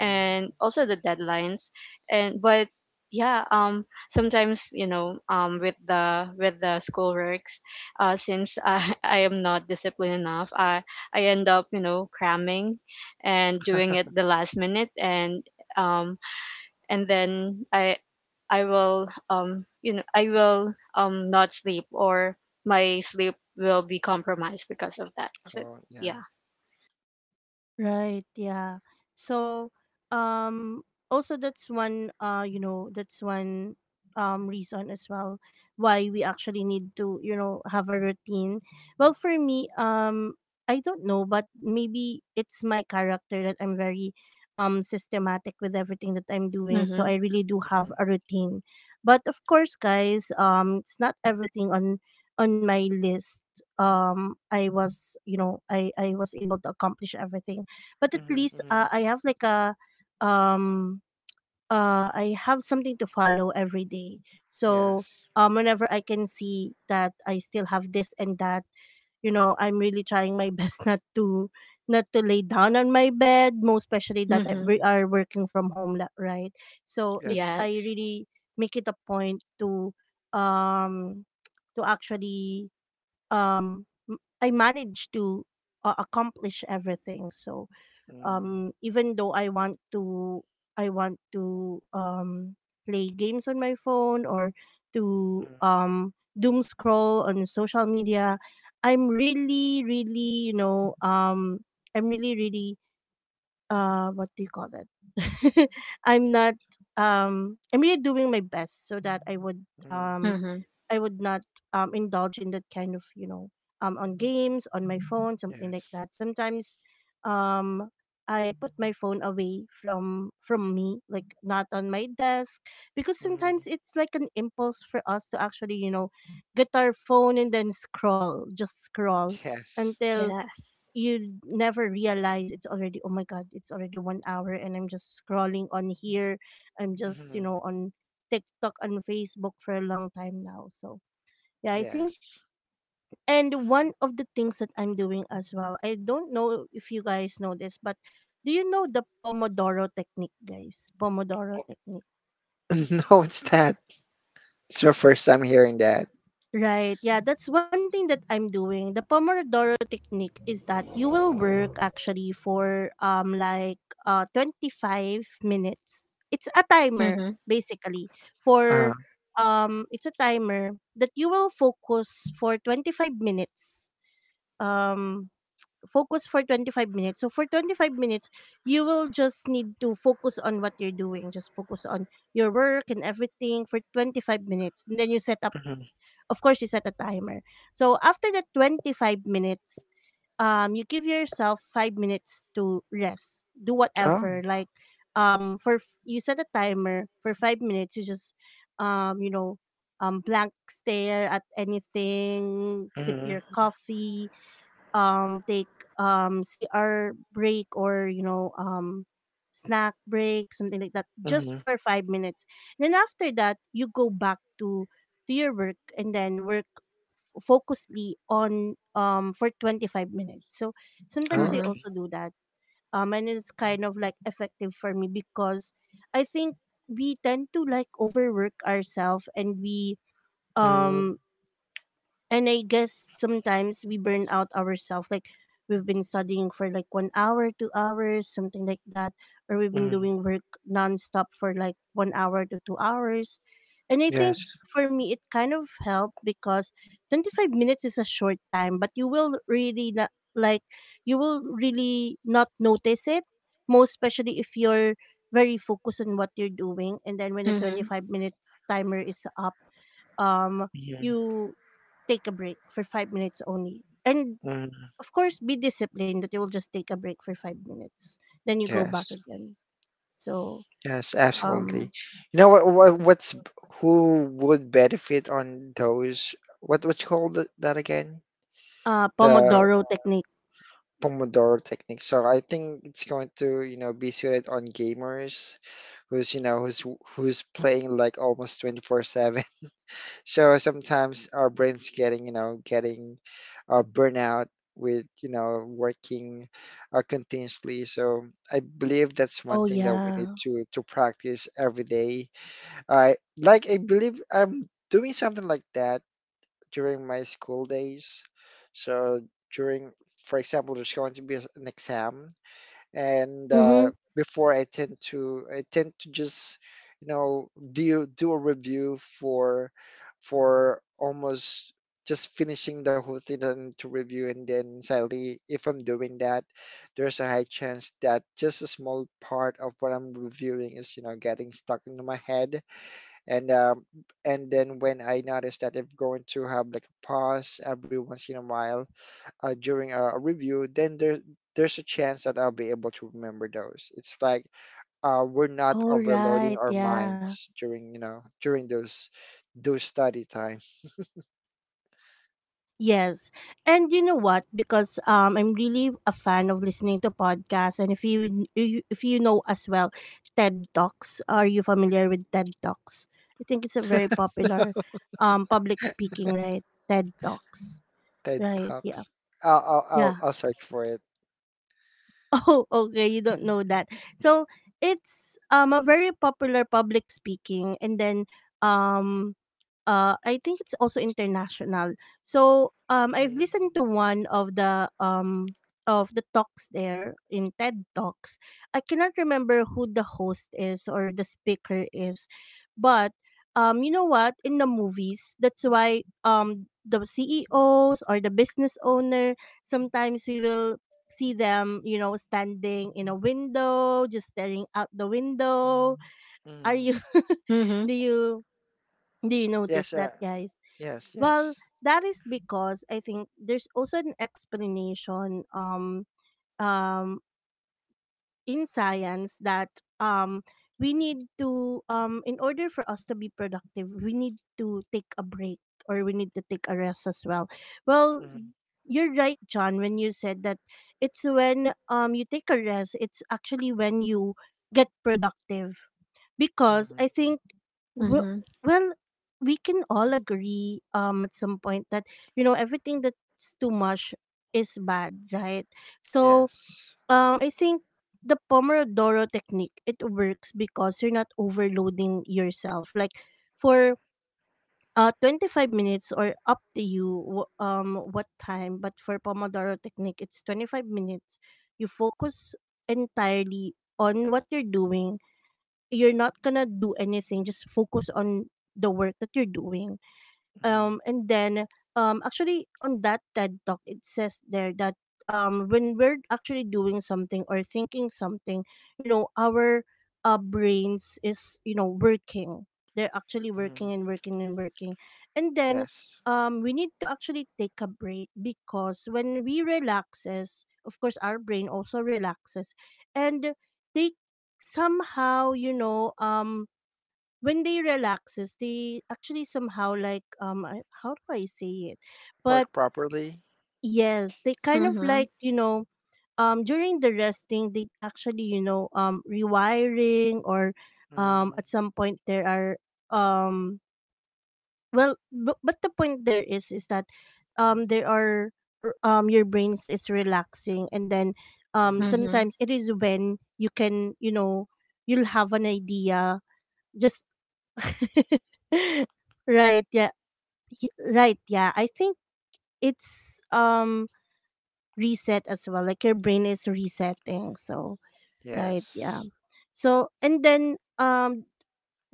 [SPEAKER 3] Mm-hmm.
[SPEAKER 2] also the deadlines. And but yeah, sometimes, you know, with the, school works, since I I am not disciplined enough, I end up, you know, cramming, and doing it the last minute. And um and then I will, you know, I will not sleep, or my sleep will be compromised because of that. So
[SPEAKER 3] Oh, yeah.
[SPEAKER 2] yeah.
[SPEAKER 1] Right, yeah. So um also that's one, you know, that's one reason as well why we actually need to, you know, have a routine. Well, for me, I don't know, but maybe it's my character that I'm very systematic with everything that I'm doing, so
[SPEAKER 2] Mhm.
[SPEAKER 1] I really do have
[SPEAKER 3] hmm
[SPEAKER 1] a routine. But of course, guys, it's not everything on my list. I was, you know, I was able to accomplish everything, but at
[SPEAKER 3] hmm
[SPEAKER 1] least,
[SPEAKER 3] hmm
[SPEAKER 1] I have like a um I have something to follow every day. So
[SPEAKER 3] Yes.
[SPEAKER 1] whenever I can see that I still have this and that, you know, I'm really trying my best not to, not to lay down on my bed, most especially that
[SPEAKER 2] Mhm.
[SPEAKER 1] we
[SPEAKER 3] hmm
[SPEAKER 1] are working from home, right? So it
[SPEAKER 3] Yes.
[SPEAKER 1] I
[SPEAKER 2] Yes.
[SPEAKER 1] really make it a point um to actually I manage to, accomplish everything. So
[SPEAKER 3] hmm
[SPEAKER 1] even though I want to play games on my phone, or to
[SPEAKER 3] hmm
[SPEAKER 1] doom scroll on social media, I'm really really, you know, I'm really really, what do you call it, I'm not I'm really doing my best so that I would
[SPEAKER 3] hmm
[SPEAKER 2] Mhm.
[SPEAKER 1] I would not indulge in that kind of, you know, on games on my phone, something like
[SPEAKER 3] Yes.
[SPEAKER 1] that. Sometimes um, I put my phone away from me, like not on my desk, because
[SPEAKER 3] hmm
[SPEAKER 1] sometimes it's like an impulse for us to actually, you know, get our phone and then scroll, just scroll
[SPEAKER 3] Yes.
[SPEAKER 1] until
[SPEAKER 2] Yes.
[SPEAKER 1] you never realize, it's already, oh my god, it's already 1 hour and I'm just scrolling on here, I'm just, you
[SPEAKER 3] hmm
[SPEAKER 1] know, on TikTok and Facebook for a long time now. So yeah, I think.
[SPEAKER 3] Yes.
[SPEAKER 1] And one of the things that I'm doing as well, I don't know if you guys know this, but do you know the Pomodoro technique, guys? Pomodoro technique.
[SPEAKER 3] No, it's that. It's your first time hearing that.
[SPEAKER 1] Right. Yeah, that's one thing that I'm doing. The Pomodoro technique is that you will work actually for like 25 minutes. It's a timer
[SPEAKER 2] Mhm.
[SPEAKER 1] basically for
[SPEAKER 3] Uh,
[SPEAKER 1] it's a timer that you will focus for 25 minutes, um focus for 25 minutes. So for 25 minutes, you will just need to focus on what you're doing. Just focus on your work and everything for 25 minutes. And then you set up,
[SPEAKER 3] mhm.
[SPEAKER 1] of course, you set a timer. So after the 25 minutes, you give yourself 5 minutes to rest. Do
[SPEAKER 3] Oh.
[SPEAKER 1] whatever. Like, you set a timer for 5 minutes. You just, you know, blank stare at anything. Sip your
[SPEAKER 3] Mhm.
[SPEAKER 1] coffee, take CR break, or you know, snack break, something like that, just
[SPEAKER 3] Mhm.
[SPEAKER 1] for 5 minutes. Then after that, you go back to your work and then work focusedly on for 25 minutes. So
[SPEAKER 3] Oh,
[SPEAKER 1] sometimes I
[SPEAKER 2] Mhm.
[SPEAKER 3] okay.
[SPEAKER 1] also do that. And it's kind of like effective for me because I think we tend to like overwork ourselves, and we
[SPEAKER 3] Mhm.
[SPEAKER 1] um and I guess sometimes we burn out ourselves. Like we've been studying for like 1 hour, 2 hours, something like that. Or we've been
[SPEAKER 3] Mhm.
[SPEAKER 1] doing work nonstop for like 1 hour to 2 hours. And I think
[SPEAKER 3] Yes.
[SPEAKER 1] for me, it kind of helped because 25 minutes is a short time, but you will really not, like, you will really not notice it, most especially if you're very focused on what you're doing. And then when the
[SPEAKER 2] Mhm.
[SPEAKER 1] 25 minutes timer is up, um,
[SPEAKER 3] Mhm.
[SPEAKER 1] you take a break for 5 minutes only. And
[SPEAKER 3] Mhm.
[SPEAKER 1] of course, be disciplined that you will just take a break for 5 minutes. Then you go back
[SPEAKER 3] Yes.
[SPEAKER 1] again. So,
[SPEAKER 3] Yes, absolutely.
[SPEAKER 1] um,
[SPEAKER 3] You know what what's who would benefit on those what you call that, that again? The
[SPEAKER 1] Pomodoro technique.
[SPEAKER 3] Pomodoro technique. So I think it's going to, you know, be suited on gamers who's, you know, who's playing like almost 24/7. So sometimes our brain's getting, you know, getting burnout with, you know, working continuously. So I believe that's one
[SPEAKER 1] Oh,
[SPEAKER 3] thing that we need
[SPEAKER 1] yeah.
[SPEAKER 3] to practice every day. I believe I'm doing something like that during my school days. So during, for example, there's going to be an exam and
[SPEAKER 1] Mm-hmm.
[SPEAKER 3] before I tend to just, you know, do a review for almost just finishing the whole thing that I need to review. And then sadly, if I'm doing that, there's a high chance that just a small part of what I'm reviewing is, you know, getting stuck into my head. And and then when I notice that, I'm going to have like a pause every once in a while during a review, then there's a chance that I'll be able to remember those. It's like we're not
[SPEAKER 1] All
[SPEAKER 3] overloading
[SPEAKER 1] right.
[SPEAKER 3] our
[SPEAKER 1] Yeah.
[SPEAKER 3] minds during, you know, during those study time.
[SPEAKER 1] Yes. And you know what? Because I'm really a fan of listening to podcasts, and if if you know as well, TED Talks. Are you familiar with TED Talks? I think it's a very popular public speaking, right? TED Talks.
[SPEAKER 3] TED
[SPEAKER 1] Right.
[SPEAKER 3] Talks.
[SPEAKER 1] Yeah.
[SPEAKER 3] I'll I'll I'll,
[SPEAKER 1] Yeah.
[SPEAKER 3] I'll search for it.
[SPEAKER 1] Oh, okay. You don't know that. So it's a very popular public speaking, and then um I think it's also international. So I've listened to one of the talks there in TED Talks. I cannot remember who the host is or the speaker is, but you know what, in the movies, that's why the CEOs or the business owner, sometimes we will see them, you know, standing in a window, just staring out the window. Are
[SPEAKER 3] Mm-hmm.
[SPEAKER 1] you do
[SPEAKER 2] Mhm.
[SPEAKER 1] you, do you
[SPEAKER 3] Yes,
[SPEAKER 1] notice that,
[SPEAKER 3] sir.
[SPEAKER 1] guys?
[SPEAKER 3] Yes,
[SPEAKER 1] Well,
[SPEAKER 3] yes,
[SPEAKER 1] that is because I think there's also an explanation, um in science, that um we need to, in order for us to be productive, we need to take a break, or we need to take a rest as well. Well, you're right, John, when you said that. It's when, you take a rest, it's actually when you get productive, because
[SPEAKER 3] mm-hmm.
[SPEAKER 1] I think w-
[SPEAKER 2] Mhm.
[SPEAKER 1] well, we can all agree at some point that, you know, everything that's too much is bad, right? So
[SPEAKER 3] Yes,
[SPEAKER 1] I think the Pomodoro technique, it works because you're not overloading yourself. Like for 25 minutes, or up to you what time, but for Pomodoro technique it's 25 minutes. You focus entirely on what you're doing. You're not going to do anything, just focus on the work that you're doing, and then, actually on that TED talk it says there that when we're actually doing something or thinking something, you know, our brains is, you know, working. They're actually
[SPEAKER 3] mm-hmm.
[SPEAKER 1] working and working and working, and then
[SPEAKER 3] Yes.
[SPEAKER 1] we need to actually take a break, because when we relaxes, of course, our brain also relaxes, and they somehow, you know, when they relaxes, they actually somehow like, how do I say it,
[SPEAKER 3] Work
[SPEAKER 1] but
[SPEAKER 3] properly.
[SPEAKER 1] yes, they kind of
[SPEAKER 2] Mhm.
[SPEAKER 1] like, you know, during the resting, they actually, you know, rewiring, or
[SPEAKER 3] Mm-hmm.
[SPEAKER 1] at some point there are, um well, but the point there is that, there are your brains is relaxing, and then,
[SPEAKER 2] Mhm.
[SPEAKER 1] sometimes it is when you can, you know, you'll have an idea, just right, yeah. Right, yeah, I think it's reset as well, like your brain is resetting. So right, yeah.
[SPEAKER 3] Yes.
[SPEAKER 1] So and then,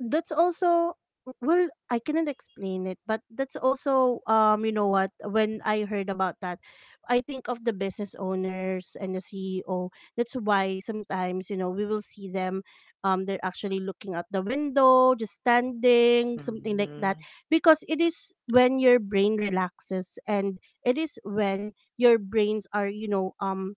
[SPEAKER 1] that's also, well, I cannot explain it, but that's also, you know what, when I heard about that, I think of the business owners and the CEO, that's why sometimes, you know, we will see them, they're actually looking out the window, just standing, something like
[SPEAKER 3] Mm-hmm.
[SPEAKER 1] that, because it is when your brain relaxes, and it is when your brains are, you know,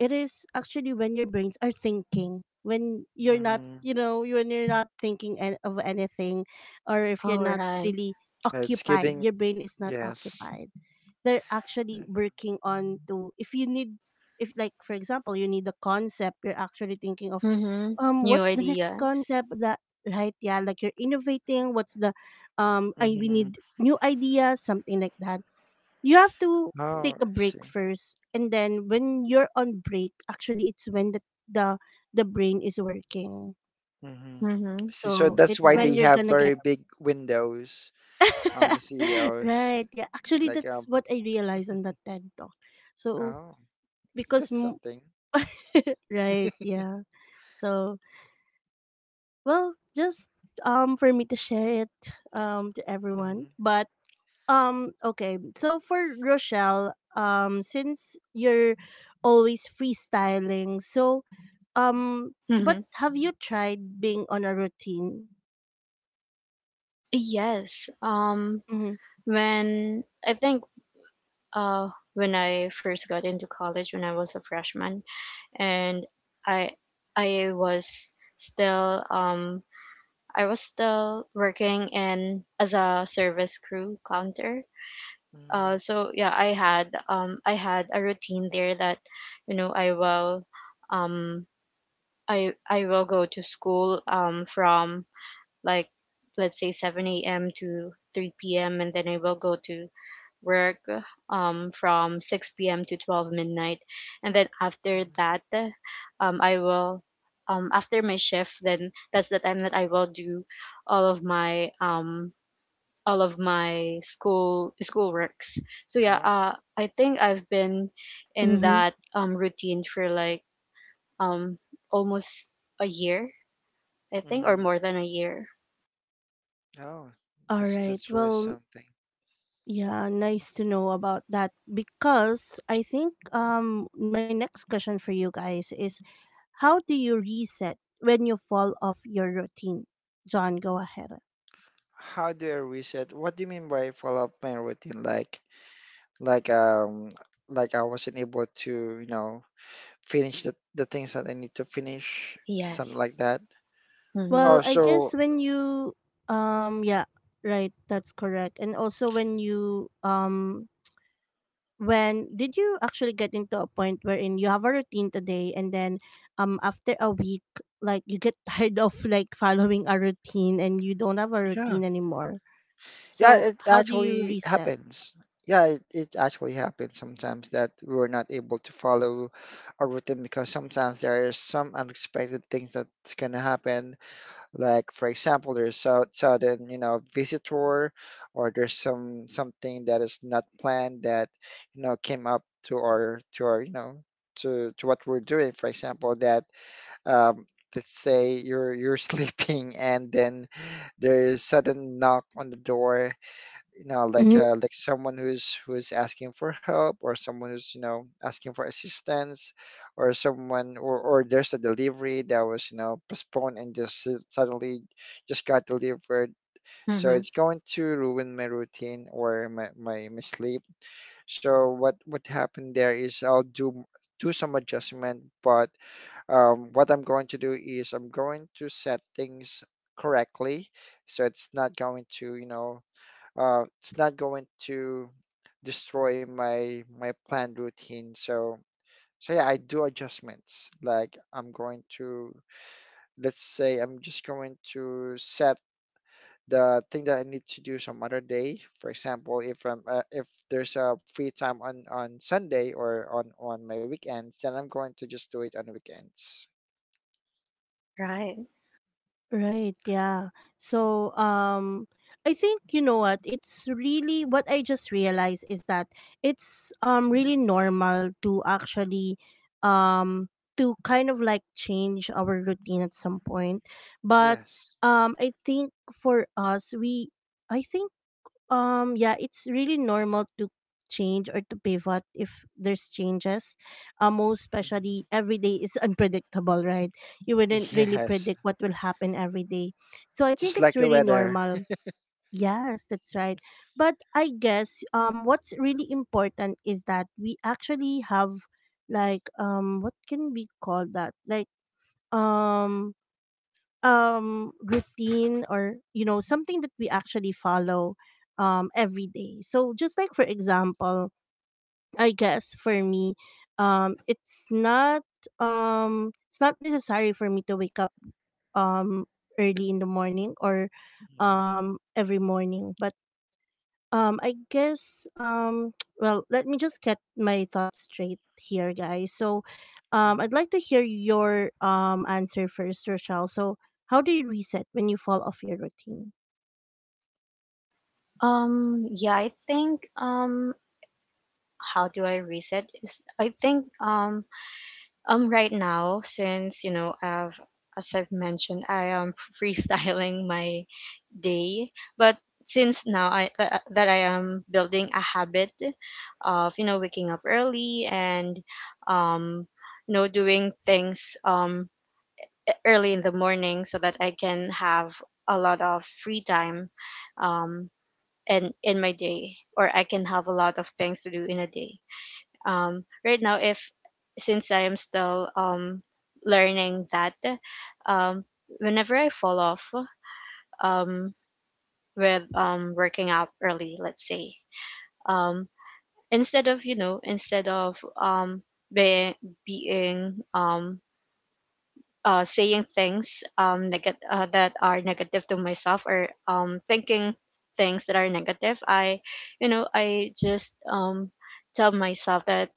[SPEAKER 1] it is actually when your brains are thinking, when you're not,
[SPEAKER 3] Uh,
[SPEAKER 1] you know, when you're not thinking of anything, or if you're
[SPEAKER 2] All
[SPEAKER 1] not
[SPEAKER 2] right.
[SPEAKER 1] really
[SPEAKER 3] it's
[SPEAKER 1] occupied,
[SPEAKER 3] giving.
[SPEAKER 1] your brain is not
[SPEAKER 3] Yes.
[SPEAKER 1] occupied. They're actually working on to, if you need, if like, for example, you need a concept, you're actually thinking of,
[SPEAKER 2] Mhm. New
[SPEAKER 1] what's the next
[SPEAKER 2] ideas.
[SPEAKER 1] concept that, right? Yeah, like you're innovating, what's the, we
[SPEAKER 3] hmm
[SPEAKER 1] need new ideas, something like that. You have to
[SPEAKER 3] Oh,
[SPEAKER 1] take
[SPEAKER 3] I
[SPEAKER 1] a break
[SPEAKER 3] see.
[SPEAKER 1] first, and then when you're on break actually it's when the, the brain is working.
[SPEAKER 3] hmm
[SPEAKER 2] Mhm.
[SPEAKER 3] See, so
[SPEAKER 1] So
[SPEAKER 3] that's
[SPEAKER 1] it's
[SPEAKER 3] why
[SPEAKER 2] Right.
[SPEAKER 1] when
[SPEAKER 3] they
[SPEAKER 1] you're
[SPEAKER 3] have
[SPEAKER 1] gonna get
[SPEAKER 3] very big windows on the CEOs.
[SPEAKER 1] right, yeah, actually
[SPEAKER 3] Like,
[SPEAKER 1] that's what I realized on that TED talk. So
[SPEAKER 3] oh,
[SPEAKER 1] because
[SPEAKER 3] that's something.
[SPEAKER 1] right, yeah. So well, just for me to share it to everyone.
[SPEAKER 3] hmm
[SPEAKER 1] But okay. So for Rochelle, since you're always freestyling, so but
[SPEAKER 2] Mhm.
[SPEAKER 1] have you tried being on a routine?
[SPEAKER 2] Yes.
[SPEAKER 1] Mm-hmm.
[SPEAKER 2] When I think, when I first got into college, when I was a freshman, and I I was still, I was still working in as a service crew counter.
[SPEAKER 3] hmm
[SPEAKER 2] So yeah, I had, I had a routine there, that, you know, um I will go to school from, like, let's say 7 a.m. to 3 p.m., and then I will go to work from 6 p.m. to 12 midnight. And then after that, I will, after my shift, then that's the time that I will do all of my, um, all of my school works. So yeah,
[SPEAKER 3] Oh,
[SPEAKER 2] I think I've been in
[SPEAKER 1] Mm-hmm.
[SPEAKER 2] that routine for like, um, almost a year, I think, or
[SPEAKER 3] hmm
[SPEAKER 2] more than a year.
[SPEAKER 3] oh,
[SPEAKER 1] All
[SPEAKER 3] that's
[SPEAKER 1] right.
[SPEAKER 3] that's really
[SPEAKER 1] Well,
[SPEAKER 3] something.
[SPEAKER 1] yeah, nice to know about that because I think my next question for you guys is, how do you reset when you fall off your routine? John, go ahead.
[SPEAKER 3] How do I reset? What do you mean by follow up my routine? Like, um, like I wasn't able to, you know, finish the things that I need to finish, something like
[SPEAKER 2] Yes.
[SPEAKER 3] that.
[SPEAKER 2] Mm-hmm.
[SPEAKER 1] Well,
[SPEAKER 3] Oh,
[SPEAKER 1] I guess
[SPEAKER 3] so
[SPEAKER 1] when you yeah, right, that's correct. And also when you when did you actually get into a point wherein you have a routine today, and then after a week like you get tired of like following a routine and you don't have a
[SPEAKER 3] yeah,
[SPEAKER 1] routine anymore.
[SPEAKER 3] yeah,
[SPEAKER 1] So,
[SPEAKER 3] it
[SPEAKER 1] how do you
[SPEAKER 3] actually
[SPEAKER 1] reset?
[SPEAKER 3] happens. Yeah, it actually happens sometimes that we were not able to follow a routine because sometimes there is some unexpected things that's gonna happen. Like for example, there's so sudden, you know, visitor, or there's some something that is not planned that, you know, came up to our you know, to what we're doing. For example, that um let's say you're sleeping, and then there is sudden knock on the door, you know,
[SPEAKER 1] Mm-hmm.
[SPEAKER 3] like someone who's, who's asking for help, or someone who's, you know, asking for assistance, or or there's a delivery that was, you know, postponed and just suddenly just got delivered. So
[SPEAKER 2] Mm-hmm.
[SPEAKER 3] it's going to ruin my routine or my sleep. So what happened there is I'll do some adjustment. But what I'm going to do is I'm going to set things correctly so it's not going to, you know, it's not going to destroy my planned routine. So, so yeah, I do adjustments. Like I'm going to, let's say I'm just going to set the thing that I need to do some other day. For example, if I'm if there's a free time on Sunday or on my weekends, then I'm going to just do it on the weekends.
[SPEAKER 2] Right.
[SPEAKER 1] Right, yeah. So, um I think you know what, it's really what I just realized is that it's really normal to actually um to kind of like change our routine at some point. But
[SPEAKER 3] Yes.
[SPEAKER 1] um I think for us we, I think, yeah, it's really normal to change or to pivot if there's changes. Most
[SPEAKER 3] Mhm.
[SPEAKER 1] especially every day is unpredictable, right? You wouldn't really
[SPEAKER 3] Yes.
[SPEAKER 1] predict what will happen every day. So I think
[SPEAKER 3] Just like
[SPEAKER 1] it's
[SPEAKER 3] the
[SPEAKER 1] really
[SPEAKER 3] weather.
[SPEAKER 1] normal. Yes, that's right. But I guess what's really important is that we actually have like, what can we call that? Like um routine, or you know, something that we actually follow every day. So just like for example, I guess for me, um it's not it's not necessary for me to wake up um early in the morning, or
[SPEAKER 3] Mm-hmm.
[SPEAKER 1] every morning. But I guess, well, let me just get my thoughts straight here, guys. So, I'd like to hear your answer first, Rochelle. So, how do you reset when you fall off your routine?
[SPEAKER 2] Yeah, I think, how do I reset, is I think, right now, since, you know, I've as I've mentioned, I am freestyling my day. But since now that I am building a habit of, you know, waking up early, and um you know, doing things early in the morning, so that I can have a lot of free time, um and in my day, or I can have a lot of things to do in a day. Right now, if since I am still, learning that, um, whenever I fall off, um, with, working out early, let's say, um, instead of, you know, instead of, um, be, being, saying things, that are negative to myself, or thinking things that are negative, I you know, I just, tell myself that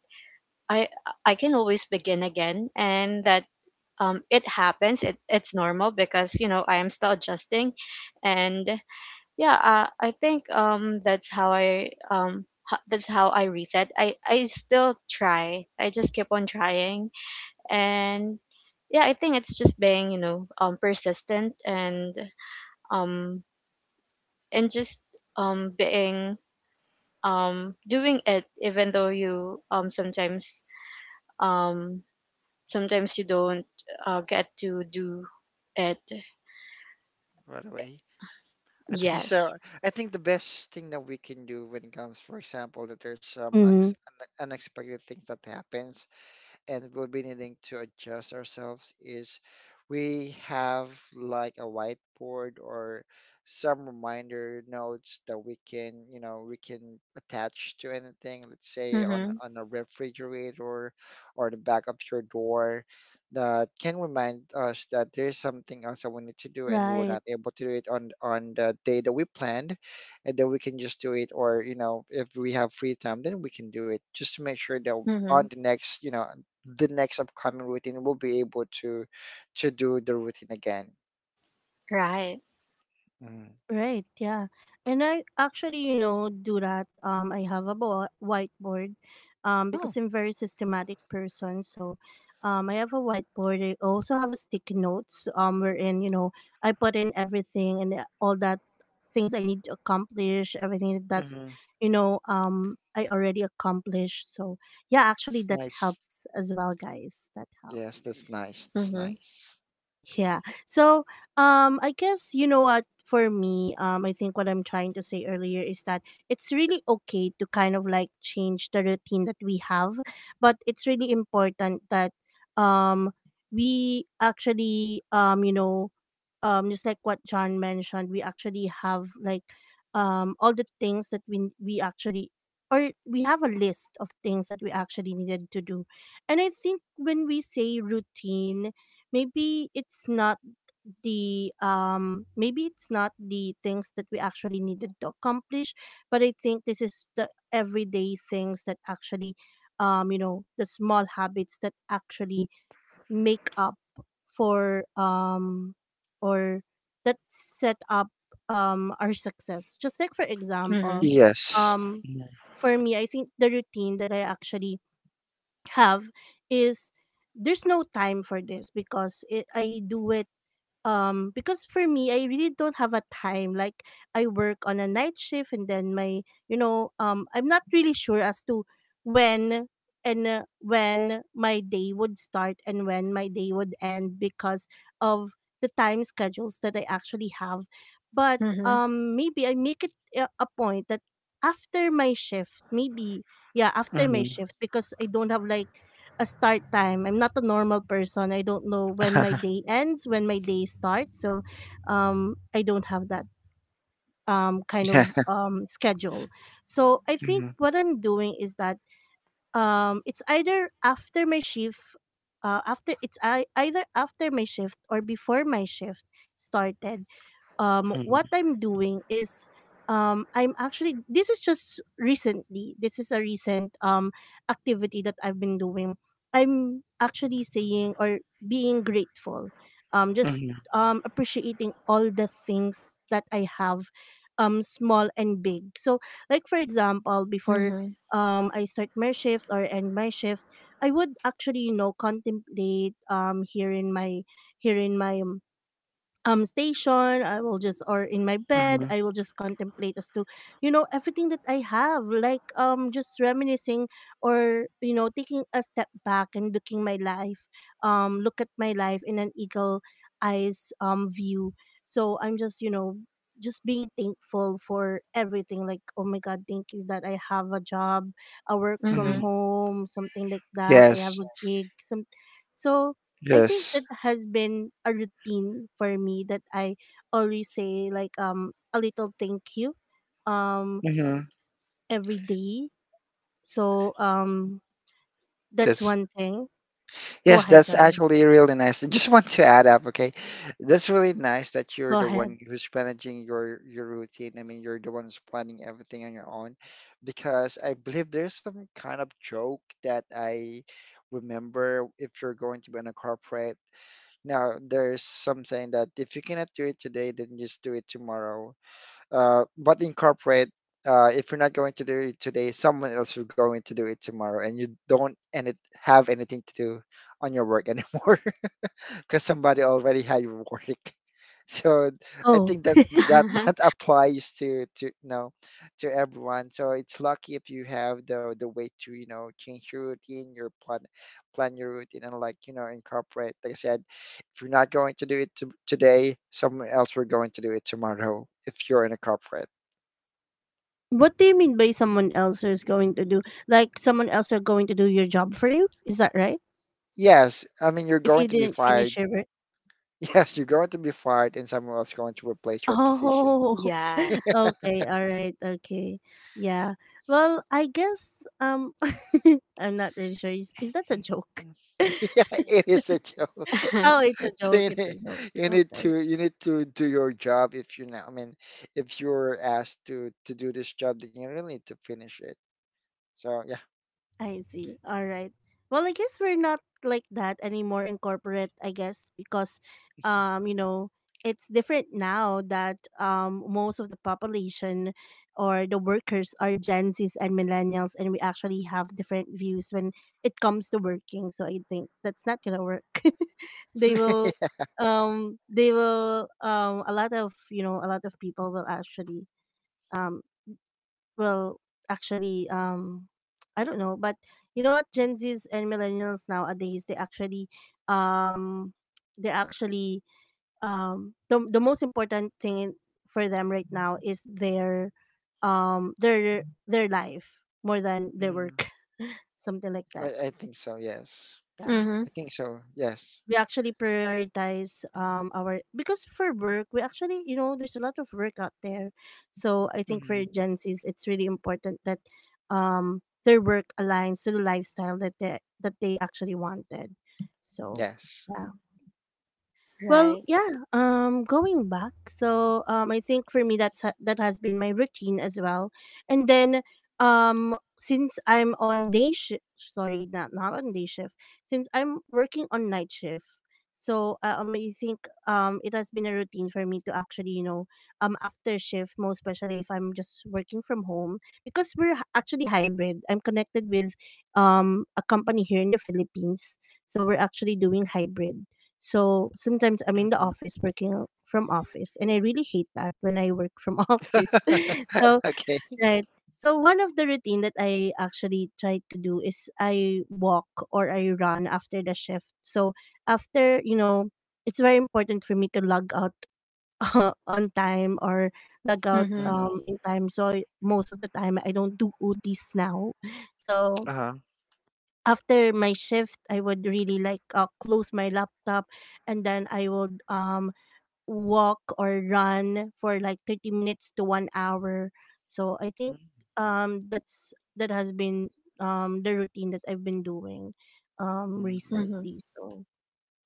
[SPEAKER 2] I I can always begin again, and that, it happens. It, it's normal because, you know, I am still adjusting. And yeah, I think, that's how that's how I reset. I still try. I just keep on trying, and yeah, I think it's just being, you know, persistent, um and just, being, doing it, even though you, sometimes, um sometimes you don't, get to do it.
[SPEAKER 3] Right away. I think
[SPEAKER 2] Yes.
[SPEAKER 3] so. I think the best thing that we can do when it comes, for example, that there's some
[SPEAKER 1] Mm-hmm.
[SPEAKER 3] unexpected things that happens, and we'll be needing to adjust ourselves, is we have like a whiteboard or some reminder notes that we can, you know, we can attach to anything, let's say on
[SPEAKER 2] Mm-hmm.
[SPEAKER 3] a refrigerator or the back of your door, that can remind us that there's something else that we need to do and you were
[SPEAKER 1] Right.
[SPEAKER 3] not able to do it on the day that we planned, and then we can just do it, or you know, if we have free time, then we can do it, just to make sure that on
[SPEAKER 2] Mm-hmm.
[SPEAKER 3] the next, you know, the next upcoming routine will be able to do the routine again.
[SPEAKER 2] Right.
[SPEAKER 3] Mm.
[SPEAKER 1] Right, yeah. And I actually, you know, do that. I have a whiteboard,
[SPEAKER 3] Oh,
[SPEAKER 1] because I'm very systematic person. So I have a whiteboard. I also have a sticky notes, wherein, you know, I put in everything, and all that things I need to accomplish, everything that,
[SPEAKER 3] mm-hmm.
[SPEAKER 1] you know, I already accomplished. So yeah, actually
[SPEAKER 3] It's
[SPEAKER 1] that
[SPEAKER 3] nice.
[SPEAKER 1] helps as well, guys. That
[SPEAKER 3] Yes,
[SPEAKER 1] helps.
[SPEAKER 3] that's nice. That's
[SPEAKER 2] Mm-hmm.
[SPEAKER 3] nice.
[SPEAKER 1] Yeah. So, I guess you know what, for me, I think what I'm trying to say earlier is that it's really okay to kind of like change the routine that we have, but it's really important that um we actually you know, just like what John mentioned, we actually have like all the things that we actually, or we have a list of things that we actually needed to do. And I think when we say routine, maybe it's not the maybe it's not the things that we actually needed to accomplish, but I think this is the everyday things that actually you know, the small habits that actually make up for or that set up our success. Just like, for
[SPEAKER 2] Mm-hmm.
[SPEAKER 1] example,
[SPEAKER 3] Yes.
[SPEAKER 1] um for me, I think the routine that I actually have is there's no time for this because it, I do it because for me I really don't have a time. Like I work on a night shift, and then my, you know, I'm not really sure as to when, and when my day would start and when my day would end because of the time schedules that I actually have. But
[SPEAKER 2] Mm-hmm.
[SPEAKER 1] maybe I make it a point that after my shift, maybe, yeah, after
[SPEAKER 3] Mm-hmm.
[SPEAKER 1] my shift, because I don't have like a start time. I'm not a normal person. I don't know when my day ends, when my day starts. So I don't have that kind of
[SPEAKER 3] Yeah.
[SPEAKER 1] schedule. So I think
[SPEAKER 3] Mm-hmm.
[SPEAKER 1] what I'm doing is that it's either after my shift either after my shift or before my shift started. What I'm doing is I'm actually, this is just recently, this is a recent activity that I've been doing. I'm actually saying, or being grateful, just
[SPEAKER 3] Mm-hmm.
[SPEAKER 1] appreciating all the things that I have, small and big. So like, for example, before
[SPEAKER 2] Mm-hmm.
[SPEAKER 1] I start my shift or end my shift, I would actually, you know, contemplate here in my station. I will just, or in my bed
[SPEAKER 3] Mm-hmm.
[SPEAKER 1] I will just contemplate as to, you know, everything that I have, like just reminiscing, or you know, taking a step back and looking my life, look at my life in an eagle eyes view. So I'm just, you know, just being thankful for everything, like oh my god, thank you that I have a job, I work
[SPEAKER 3] Mm-hmm.
[SPEAKER 1] from home, something like that, I have
[SPEAKER 3] Yes.
[SPEAKER 1] a gig, some. So I think
[SPEAKER 3] Yes.
[SPEAKER 1] that has been a routine for me, that I always say like a little thank you um
[SPEAKER 3] Mm-hmm.
[SPEAKER 1] every day. So that's
[SPEAKER 3] That's,
[SPEAKER 1] one thing. Go
[SPEAKER 3] yes,
[SPEAKER 1] ahead,
[SPEAKER 3] that's
[SPEAKER 1] John.
[SPEAKER 3] actually really nice. I just want to add up, okay? That's really nice that you're
[SPEAKER 1] Go
[SPEAKER 3] the
[SPEAKER 1] ahead.
[SPEAKER 3] one who's managing your routine. I mean, you're the one who's planning everything on your own, because I believe there's some kind of joke that I remember if you're going to be in a corporate. Now, there's some saying that if you cannot do it today, then just do it tomorrow, but in corporate, if you're not going to do it today, someone else is going to do it tomorrow, and you don't and it have anything to do on your work anymore because somebody already had your work. So I
[SPEAKER 1] Oh.
[SPEAKER 3] think that
[SPEAKER 2] Mm-hmm.
[SPEAKER 3] that applies to you know, to everyone. So it's lucky if you have the way to, you know, change your routine, your plan your routine, and like, you know, incorporate. Like I said, if you're not going to do today, someone else will going to do it tomorrow, if you're in a corporate.
[SPEAKER 1] What do you mean by someone else is going to do, like someone else are going to do your job for you? Is that right?
[SPEAKER 3] Yes, I mean you're
[SPEAKER 1] If
[SPEAKER 3] going
[SPEAKER 1] you
[SPEAKER 3] to be
[SPEAKER 1] didn't finish
[SPEAKER 3] fired.
[SPEAKER 1] your.
[SPEAKER 3] Yes, you're going to be fired, and someone else going to replace your position.
[SPEAKER 1] Oh,
[SPEAKER 2] Yeah.
[SPEAKER 1] okay, alright, okay. Yeah. Well, I guess I'm not really sure. Is that a joke?
[SPEAKER 3] Mm. Yeah, it is a joke.
[SPEAKER 1] Oh, it's a
[SPEAKER 3] So
[SPEAKER 1] joke, it's a joke.
[SPEAKER 3] you need to,
[SPEAKER 1] Okay.
[SPEAKER 3] you need to do your job if you know. I mean, if you're asked to do this job, then you really need to finish it. So yeah,
[SPEAKER 1] I see. All right. Well, I guess we're not like that anymore in corporate, I guess, because you know, it's different now that most of the population or the workers are Gen Zs and millennials, and we actually have different views when it comes to working. So I think that's not gonna work. They will a lot of, you know, a lot of people will actually um well, actually, I don't know, but you know what? Gen Zs and millennials nowadays, um, they actually, the most important thing for them right now is their life more than their
[SPEAKER 3] Mhm.
[SPEAKER 1] work, something like
[SPEAKER 3] I,
[SPEAKER 1] that.
[SPEAKER 3] I think so. Yes,
[SPEAKER 1] Yeah.
[SPEAKER 3] I
[SPEAKER 2] Mm-hmm.
[SPEAKER 3] think so. Yes,
[SPEAKER 1] We actually prioritize our, because for work we actually, you know, there's a lot of work out there. So I think
[SPEAKER 3] hmm
[SPEAKER 1] for Gen Z's it's really important that their work aligns to the lifestyle that they actually wanted. So
[SPEAKER 3] yes.
[SPEAKER 1] yeah. Well,
[SPEAKER 2] Right.
[SPEAKER 1] yeah. Going back, so I think for me that's that has been my routine as well. And then, since I'm on day shift, sorry, not not on day shift. Since I'm working on night shift, so I think it has been a routine for me to actually, you know, after shift, most especially if I'm just working from home, because we're actually hybrid. I'm connected with a company here in the Philippines, so we're actually doing hybrid. So sometimes I'm in the
[SPEAKER 3] hmm
[SPEAKER 1] office, working from office, and I really hate that when I work from office. So
[SPEAKER 3] okay.
[SPEAKER 1] right. So one of the routine that I actually try to do is I walk or I run after the shift. So after, you know, it's very important for me to log out on time, or log out
[SPEAKER 2] Mm-hmm.
[SPEAKER 3] hmm
[SPEAKER 1] in time. So I- most of the time I don't do OTs now.
[SPEAKER 3] Uh
[SPEAKER 1] So
[SPEAKER 3] huh.
[SPEAKER 1] after my shift I would really like close my laptop, and then I would walk or run for like 30 minutes to 1 hour. So I think that's that has been the routine that I've been doing
[SPEAKER 3] hmm
[SPEAKER 2] Mm-hmm.
[SPEAKER 1] recently. So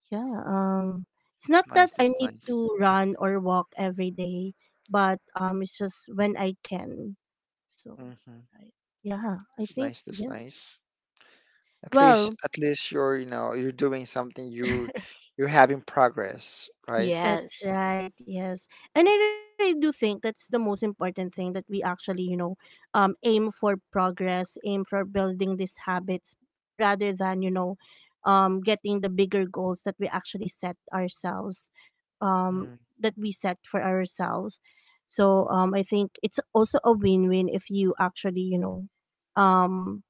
[SPEAKER 1] yeah, it's not
[SPEAKER 3] That's
[SPEAKER 1] that
[SPEAKER 3] nice.
[SPEAKER 1] I
[SPEAKER 3] That's
[SPEAKER 1] need
[SPEAKER 3] nice.
[SPEAKER 1] to run or walk every day, but it's just when I can. So
[SPEAKER 3] hmm
[SPEAKER 1] right. Yeah, I
[SPEAKER 3] It's
[SPEAKER 1] think,
[SPEAKER 3] nice. That's
[SPEAKER 1] yeah.
[SPEAKER 3] nice.
[SPEAKER 1] Well,
[SPEAKER 3] At least you're, you know, you're doing something. You, you're having progress, right?
[SPEAKER 1] that's
[SPEAKER 2] Yes.
[SPEAKER 1] right. Yes. And I really do think that's the most important thing that we actually, you know, aim for progress, aim for building these habits rather than, you know, getting the bigger goals that we actually set ourselves, um
[SPEAKER 3] Mm,
[SPEAKER 1] that we set for ourselves. So, I think it's also a win-win if you actually, you know, um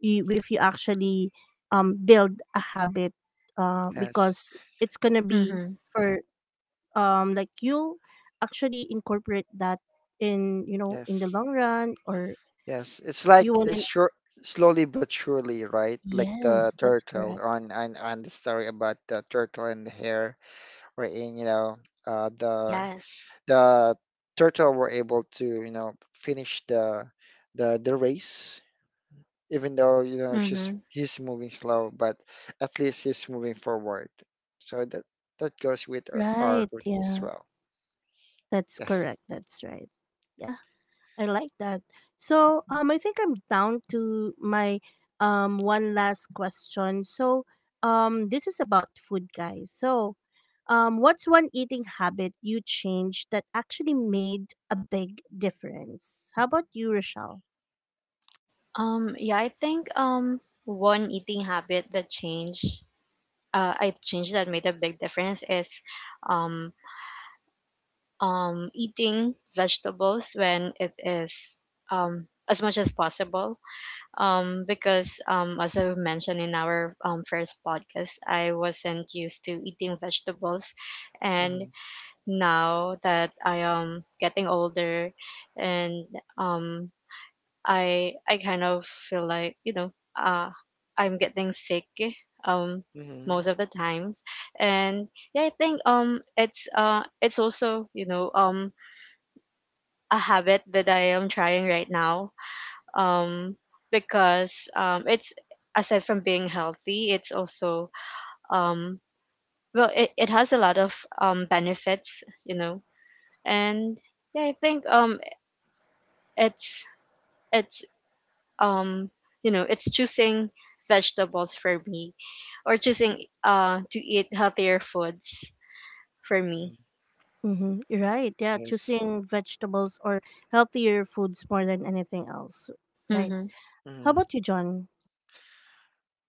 [SPEAKER 1] you, if you actually build a habit,
[SPEAKER 3] yes,
[SPEAKER 1] because it's going to be
[SPEAKER 2] Mm-hmm.
[SPEAKER 1] for like you'll actually incorporate that in, you know, in the
[SPEAKER 3] yes,
[SPEAKER 1] long run, or
[SPEAKER 3] yes. It's like
[SPEAKER 1] you
[SPEAKER 3] it's
[SPEAKER 1] wouldn't.
[SPEAKER 3] sure, slowly but surely, right? Like the
[SPEAKER 1] Yes, that's
[SPEAKER 3] turtle
[SPEAKER 1] correct.
[SPEAKER 3] on on the story about the turtle and the hare, wherein you know, uh, the
[SPEAKER 2] Yes.
[SPEAKER 3] the turtle were able to, you know, finish the the race, even though you know she's
[SPEAKER 2] Mm-hmm.
[SPEAKER 3] he's moving slow, but at least he's moving forward. So that, that goes with our
[SPEAKER 1] Right,
[SPEAKER 3] routine as
[SPEAKER 1] yeah,
[SPEAKER 3] well.
[SPEAKER 1] that's
[SPEAKER 3] Yes,
[SPEAKER 1] correct, that's right. Yeah, I like that. So I think I'm down to my one last question. So this is about food, guys. So what's one eating habit you changed that actually made a big difference? How about you, Rochelle?
[SPEAKER 2] Yeah, I think, one eating habit that changed, I changed, that made a big difference, is, um eating vegetables when it is, as much as possible. Because, as I mentioned in our, first podcast, I wasn't used to eating vegetables. And
[SPEAKER 3] mm-hmm.
[SPEAKER 2] now that I am getting older, and, um, I kind of feel like, you know, uh, I'm getting sick, um,
[SPEAKER 3] Mm-hmm.
[SPEAKER 2] most of the times. And yeah, I think, it's, it's also, you know, a habit that I am trying right now. Um, because, it's, aside from being healthy, it's also, um, well, it has a lot of, benefits, you know. And yeah, I think, it's it's um, you know, it's choosing vegetables for me, or choosing, to eat healthier foods for me.
[SPEAKER 1] Mm-hmm. Right. Yeah,
[SPEAKER 3] Yes.
[SPEAKER 1] choosing vegetables or healthier foods more than anything else. Right.
[SPEAKER 2] Mhm.
[SPEAKER 1] How
[SPEAKER 3] Mm-hmm.
[SPEAKER 1] about you, John?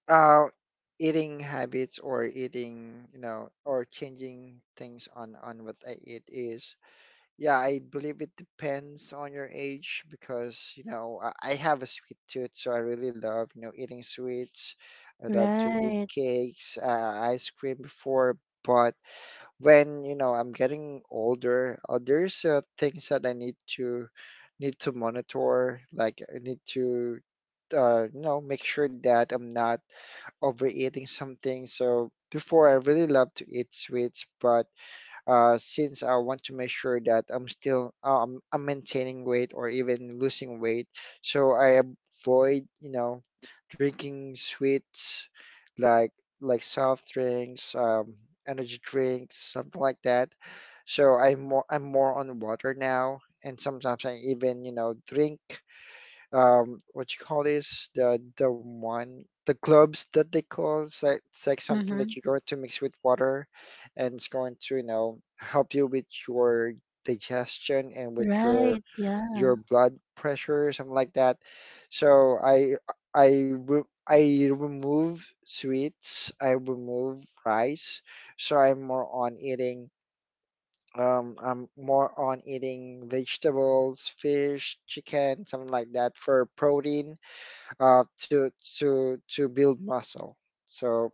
[SPEAKER 3] Uh, eating habits or eating, you know, or changing things on what I eat is. Yeah, I believe it depends on your age because, you know, I have a sweet tooth, so I really love, you know, eating sweets. I love to eat
[SPEAKER 1] Right.
[SPEAKER 3] cakes, ice cream before, but when, you know, I'm getting older, there's things that I need to monitor, like I need to you know, make sure that I'm not overeating something. So before I really love to eat sweets, but since I want to make sure that I'm still I'm maintaining weight or even losing weight. So I avoid, you know, drinking sweets like soft drinks, energy drinks, something like that. So I'm more on water now, and sometimes I even, you know, drink what you call this, the gloves that they call. It's like, it's like something that
[SPEAKER 2] Mhm.
[SPEAKER 3] you're going to mix with water, and it's going to, you know, help you with your digestion and with your
[SPEAKER 1] Right. Yeah.
[SPEAKER 3] blood pressure, something like that. So i re- I remove sweets, I remove rice, so I'm more on eating vegetables, fish, chicken, something like that, for protein to to build muscle. So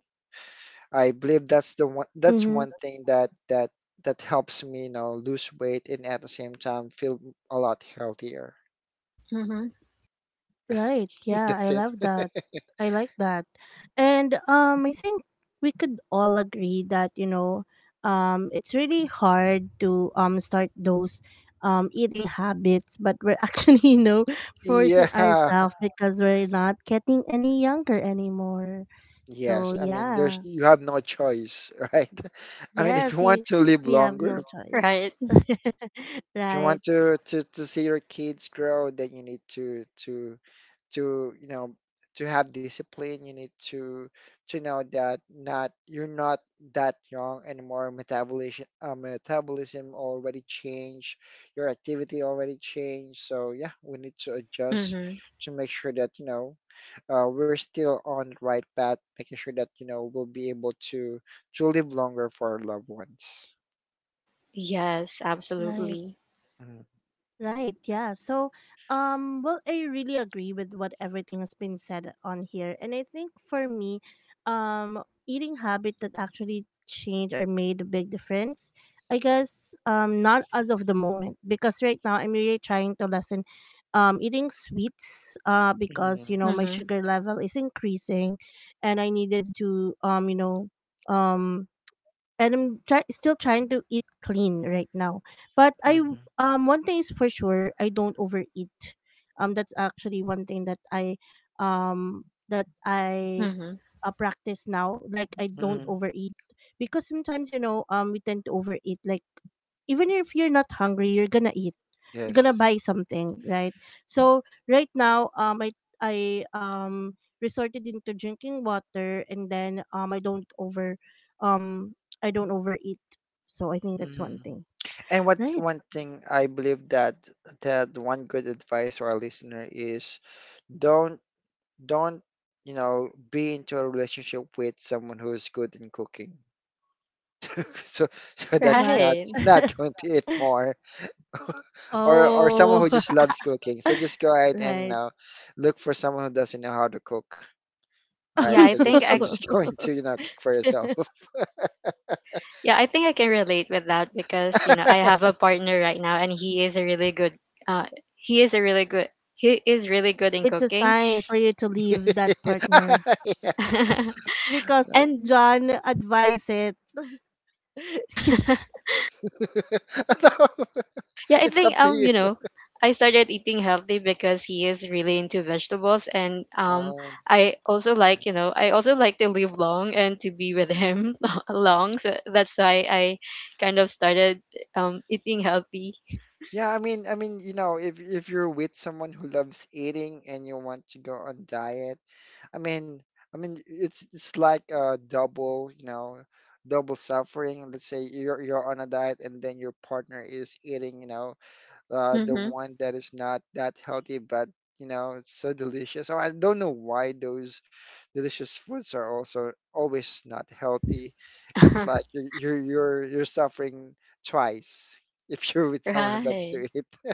[SPEAKER 3] I believe that's the one, that's
[SPEAKER 1] Mm-hmm.
[SPEAKER 3] one thing that that helps me, you know, lose weight, and at the same time feel a lot healthier.
[SPEAKER 2] Mhm.
[SPEAKER 3] Yes,
[SPEAKER 1] Right. Yeah, I
[SPEAKER 3] that's it.
[SPEAKER 1] love that. I like that. And I think we could all agree that, you know, it's really hard to start those eating habits, but we're actually, you know, forcing
[SPEAKER 3] Yeah.
[SPEAKER 1] ourselves because we're not getting any younger anymore.
[SPEAKER 3] Yes.
[SPEAKER 1] So,
[SPEAKER 3] I mean, there's
[SPEAKER 1] yeah.
[SPEAKER 3] you have no choice, right? I mean, if you
[SPEAKER 1] Yes, you,
[SPEAKER 3] want to live
[SPEAKER 1] we have no
[SPEAKER 3] longer,
[SPEAKER 2] Right.
[SPEAKER 1] choice.
[SPEAKER 3] if you
[SPEAKER 1] Right.
[SPEAKER 3] want to see your kids grow, then you need to you know to have discipline. You need to know that not you're not that young anymore. Metabolism already changed, your activity already changed, so yeah, we need to adjust
[SPEAKER 2] Mhm.
[SPEAKER 3] to make sure that you know we're still on the right path, making sure that you know we'll be able to live longer for our loved ones.
[SPEAKER 2] Yes,
[SPEAKER 1] Right.
[SPEAKER 2] absolutely.
[SPEAKER 3] Mhm.
[SPEAKER 1] Right, yeah. So, well, I really agree with what everything has been said on here. And I think for me, eating habit that actually changed or made a big difference, I guess, not as of the moment, because right now I'm really trying to lessen eating sweets, because, you
[SPEAKER 3] Mhm.
[SPEAKER 1] know, my
[SPEAKER 2] Mm-hmm.
[SPEAKER 1] sugar level is increasing and I needed to, you know, um, and I'm still trying to eat clean right now. But I
[SPEAKER 3] Mhm.
[SPEAKER 1] one thing is for sure, I don't overeat. That's actually one thing that I
[SPEAKER 2] Mm-hmm.
[SPEAKER 1] practice now. Like I don't
[SPEAKER 3] Mhm.
[SPEAKER 1] overeat, because sometimes, you know, we tend to overeat. Like even if you're not hungry, you're gonna eat. You're gonna
[SPEAKER 3] Yes.
[SPEAKER 1] buy something, right? So right now, I resorted into drinking water, and then um I don't overeat. So I think that's one
[SPEAKER 3] Mhm.
[SPEAKER 1] thing.
[SPEAKER 3] And what
[SPEAKER 1] Right.
[SPEAKER 3] one thing I believe that one good advice to our listener is don't don't you know be into a relationship with someone who's good in cooking, so so that you're
[SPEAKER 1] What?
[SPEAKER 3] not
[SPEAKER 2] Right.
[SPEAKER 3] not going to eat more, or someone
[SPEAKER 1] Oh,
[SPEAKER 3] who just loves cooking. So just go ahead and you
[SPEAKER 1] right.
[SPEAKER 3] know, look for someone who doesn't know how to cook, right?
[SPEAKER 2] Yeah,
[SPEAKER 3] So
[SPEAKER 2] I think
[SPEAKER 3] just you're
[SPEAKER 2] I
[SPEAKER 1] Oh,
[SPEAKER 3] just
[SPEAKER 1] no.
[SPEAKER 3] going to you know kick for yourself.
[SPEAKER 2] yeah, I think I can relate with that because, you know, I have a partner right now, and he is a really good, uh he is a really good he is really good in
[SPEAKER 1] It's a
[SPEAKER 2] cooking.
[SPEAKER 1] sign for you to leave that partner
[SPEAKER 3] Yeah. No.
[SPEAKER 1] because
[SPEAKER 3] No.
[SPEAKER 2] And
[SPEAKER 1] John advised it.
[SPEAKER 2] yeah, I
[SPEAKER 3] It's up
[SPEAKER 2] think,
[SPEAKER 3] to you.
[SPEAKER 2] you know, I started eating healthy because he is really into vegetables, and
[SPEAKER 3] Um,
[SPEAKER 2] I also like, you know, I also like to live long and to be with him long. So that's why I kind of started, eating healthy.
[SPEAKER 3] Yeah, I mean, you know, if you're with someone who loves eating and you want to go on diet, I mean, I mean, it's like a double, you know, double suffering. Let's say you're on a diet, and then your partner is eating, you know, the
[SPEAKER 2] Mhm.
[SPEAKER 3] one that is not that healthy, but you know, it's so delicious. So I don't know why those delicious foods are also always not healthy. It's like you're suffering twice if you're with someone who loves
[SPEAKER 2] Right.
[SPEAKER 3] to eat.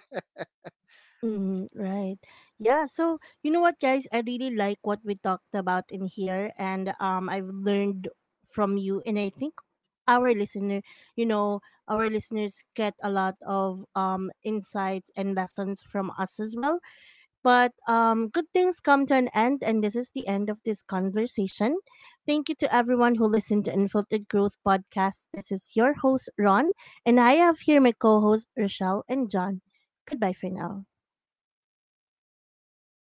[SPEAKER 1] Mm-hmm, right. Yeah. So you know what, guys? I really like what we talked about in here, and I've learned from you, and I think our listener, you know, our listeners get a lot of insights and lessons from us as well. But good things come to an end, and this is the end of this conversation. Thank you to everyone who listened to Unfiltered Growth podcast. This is your host Ron, and I have here my co-hosts Rochelle and John. Goodbye for now.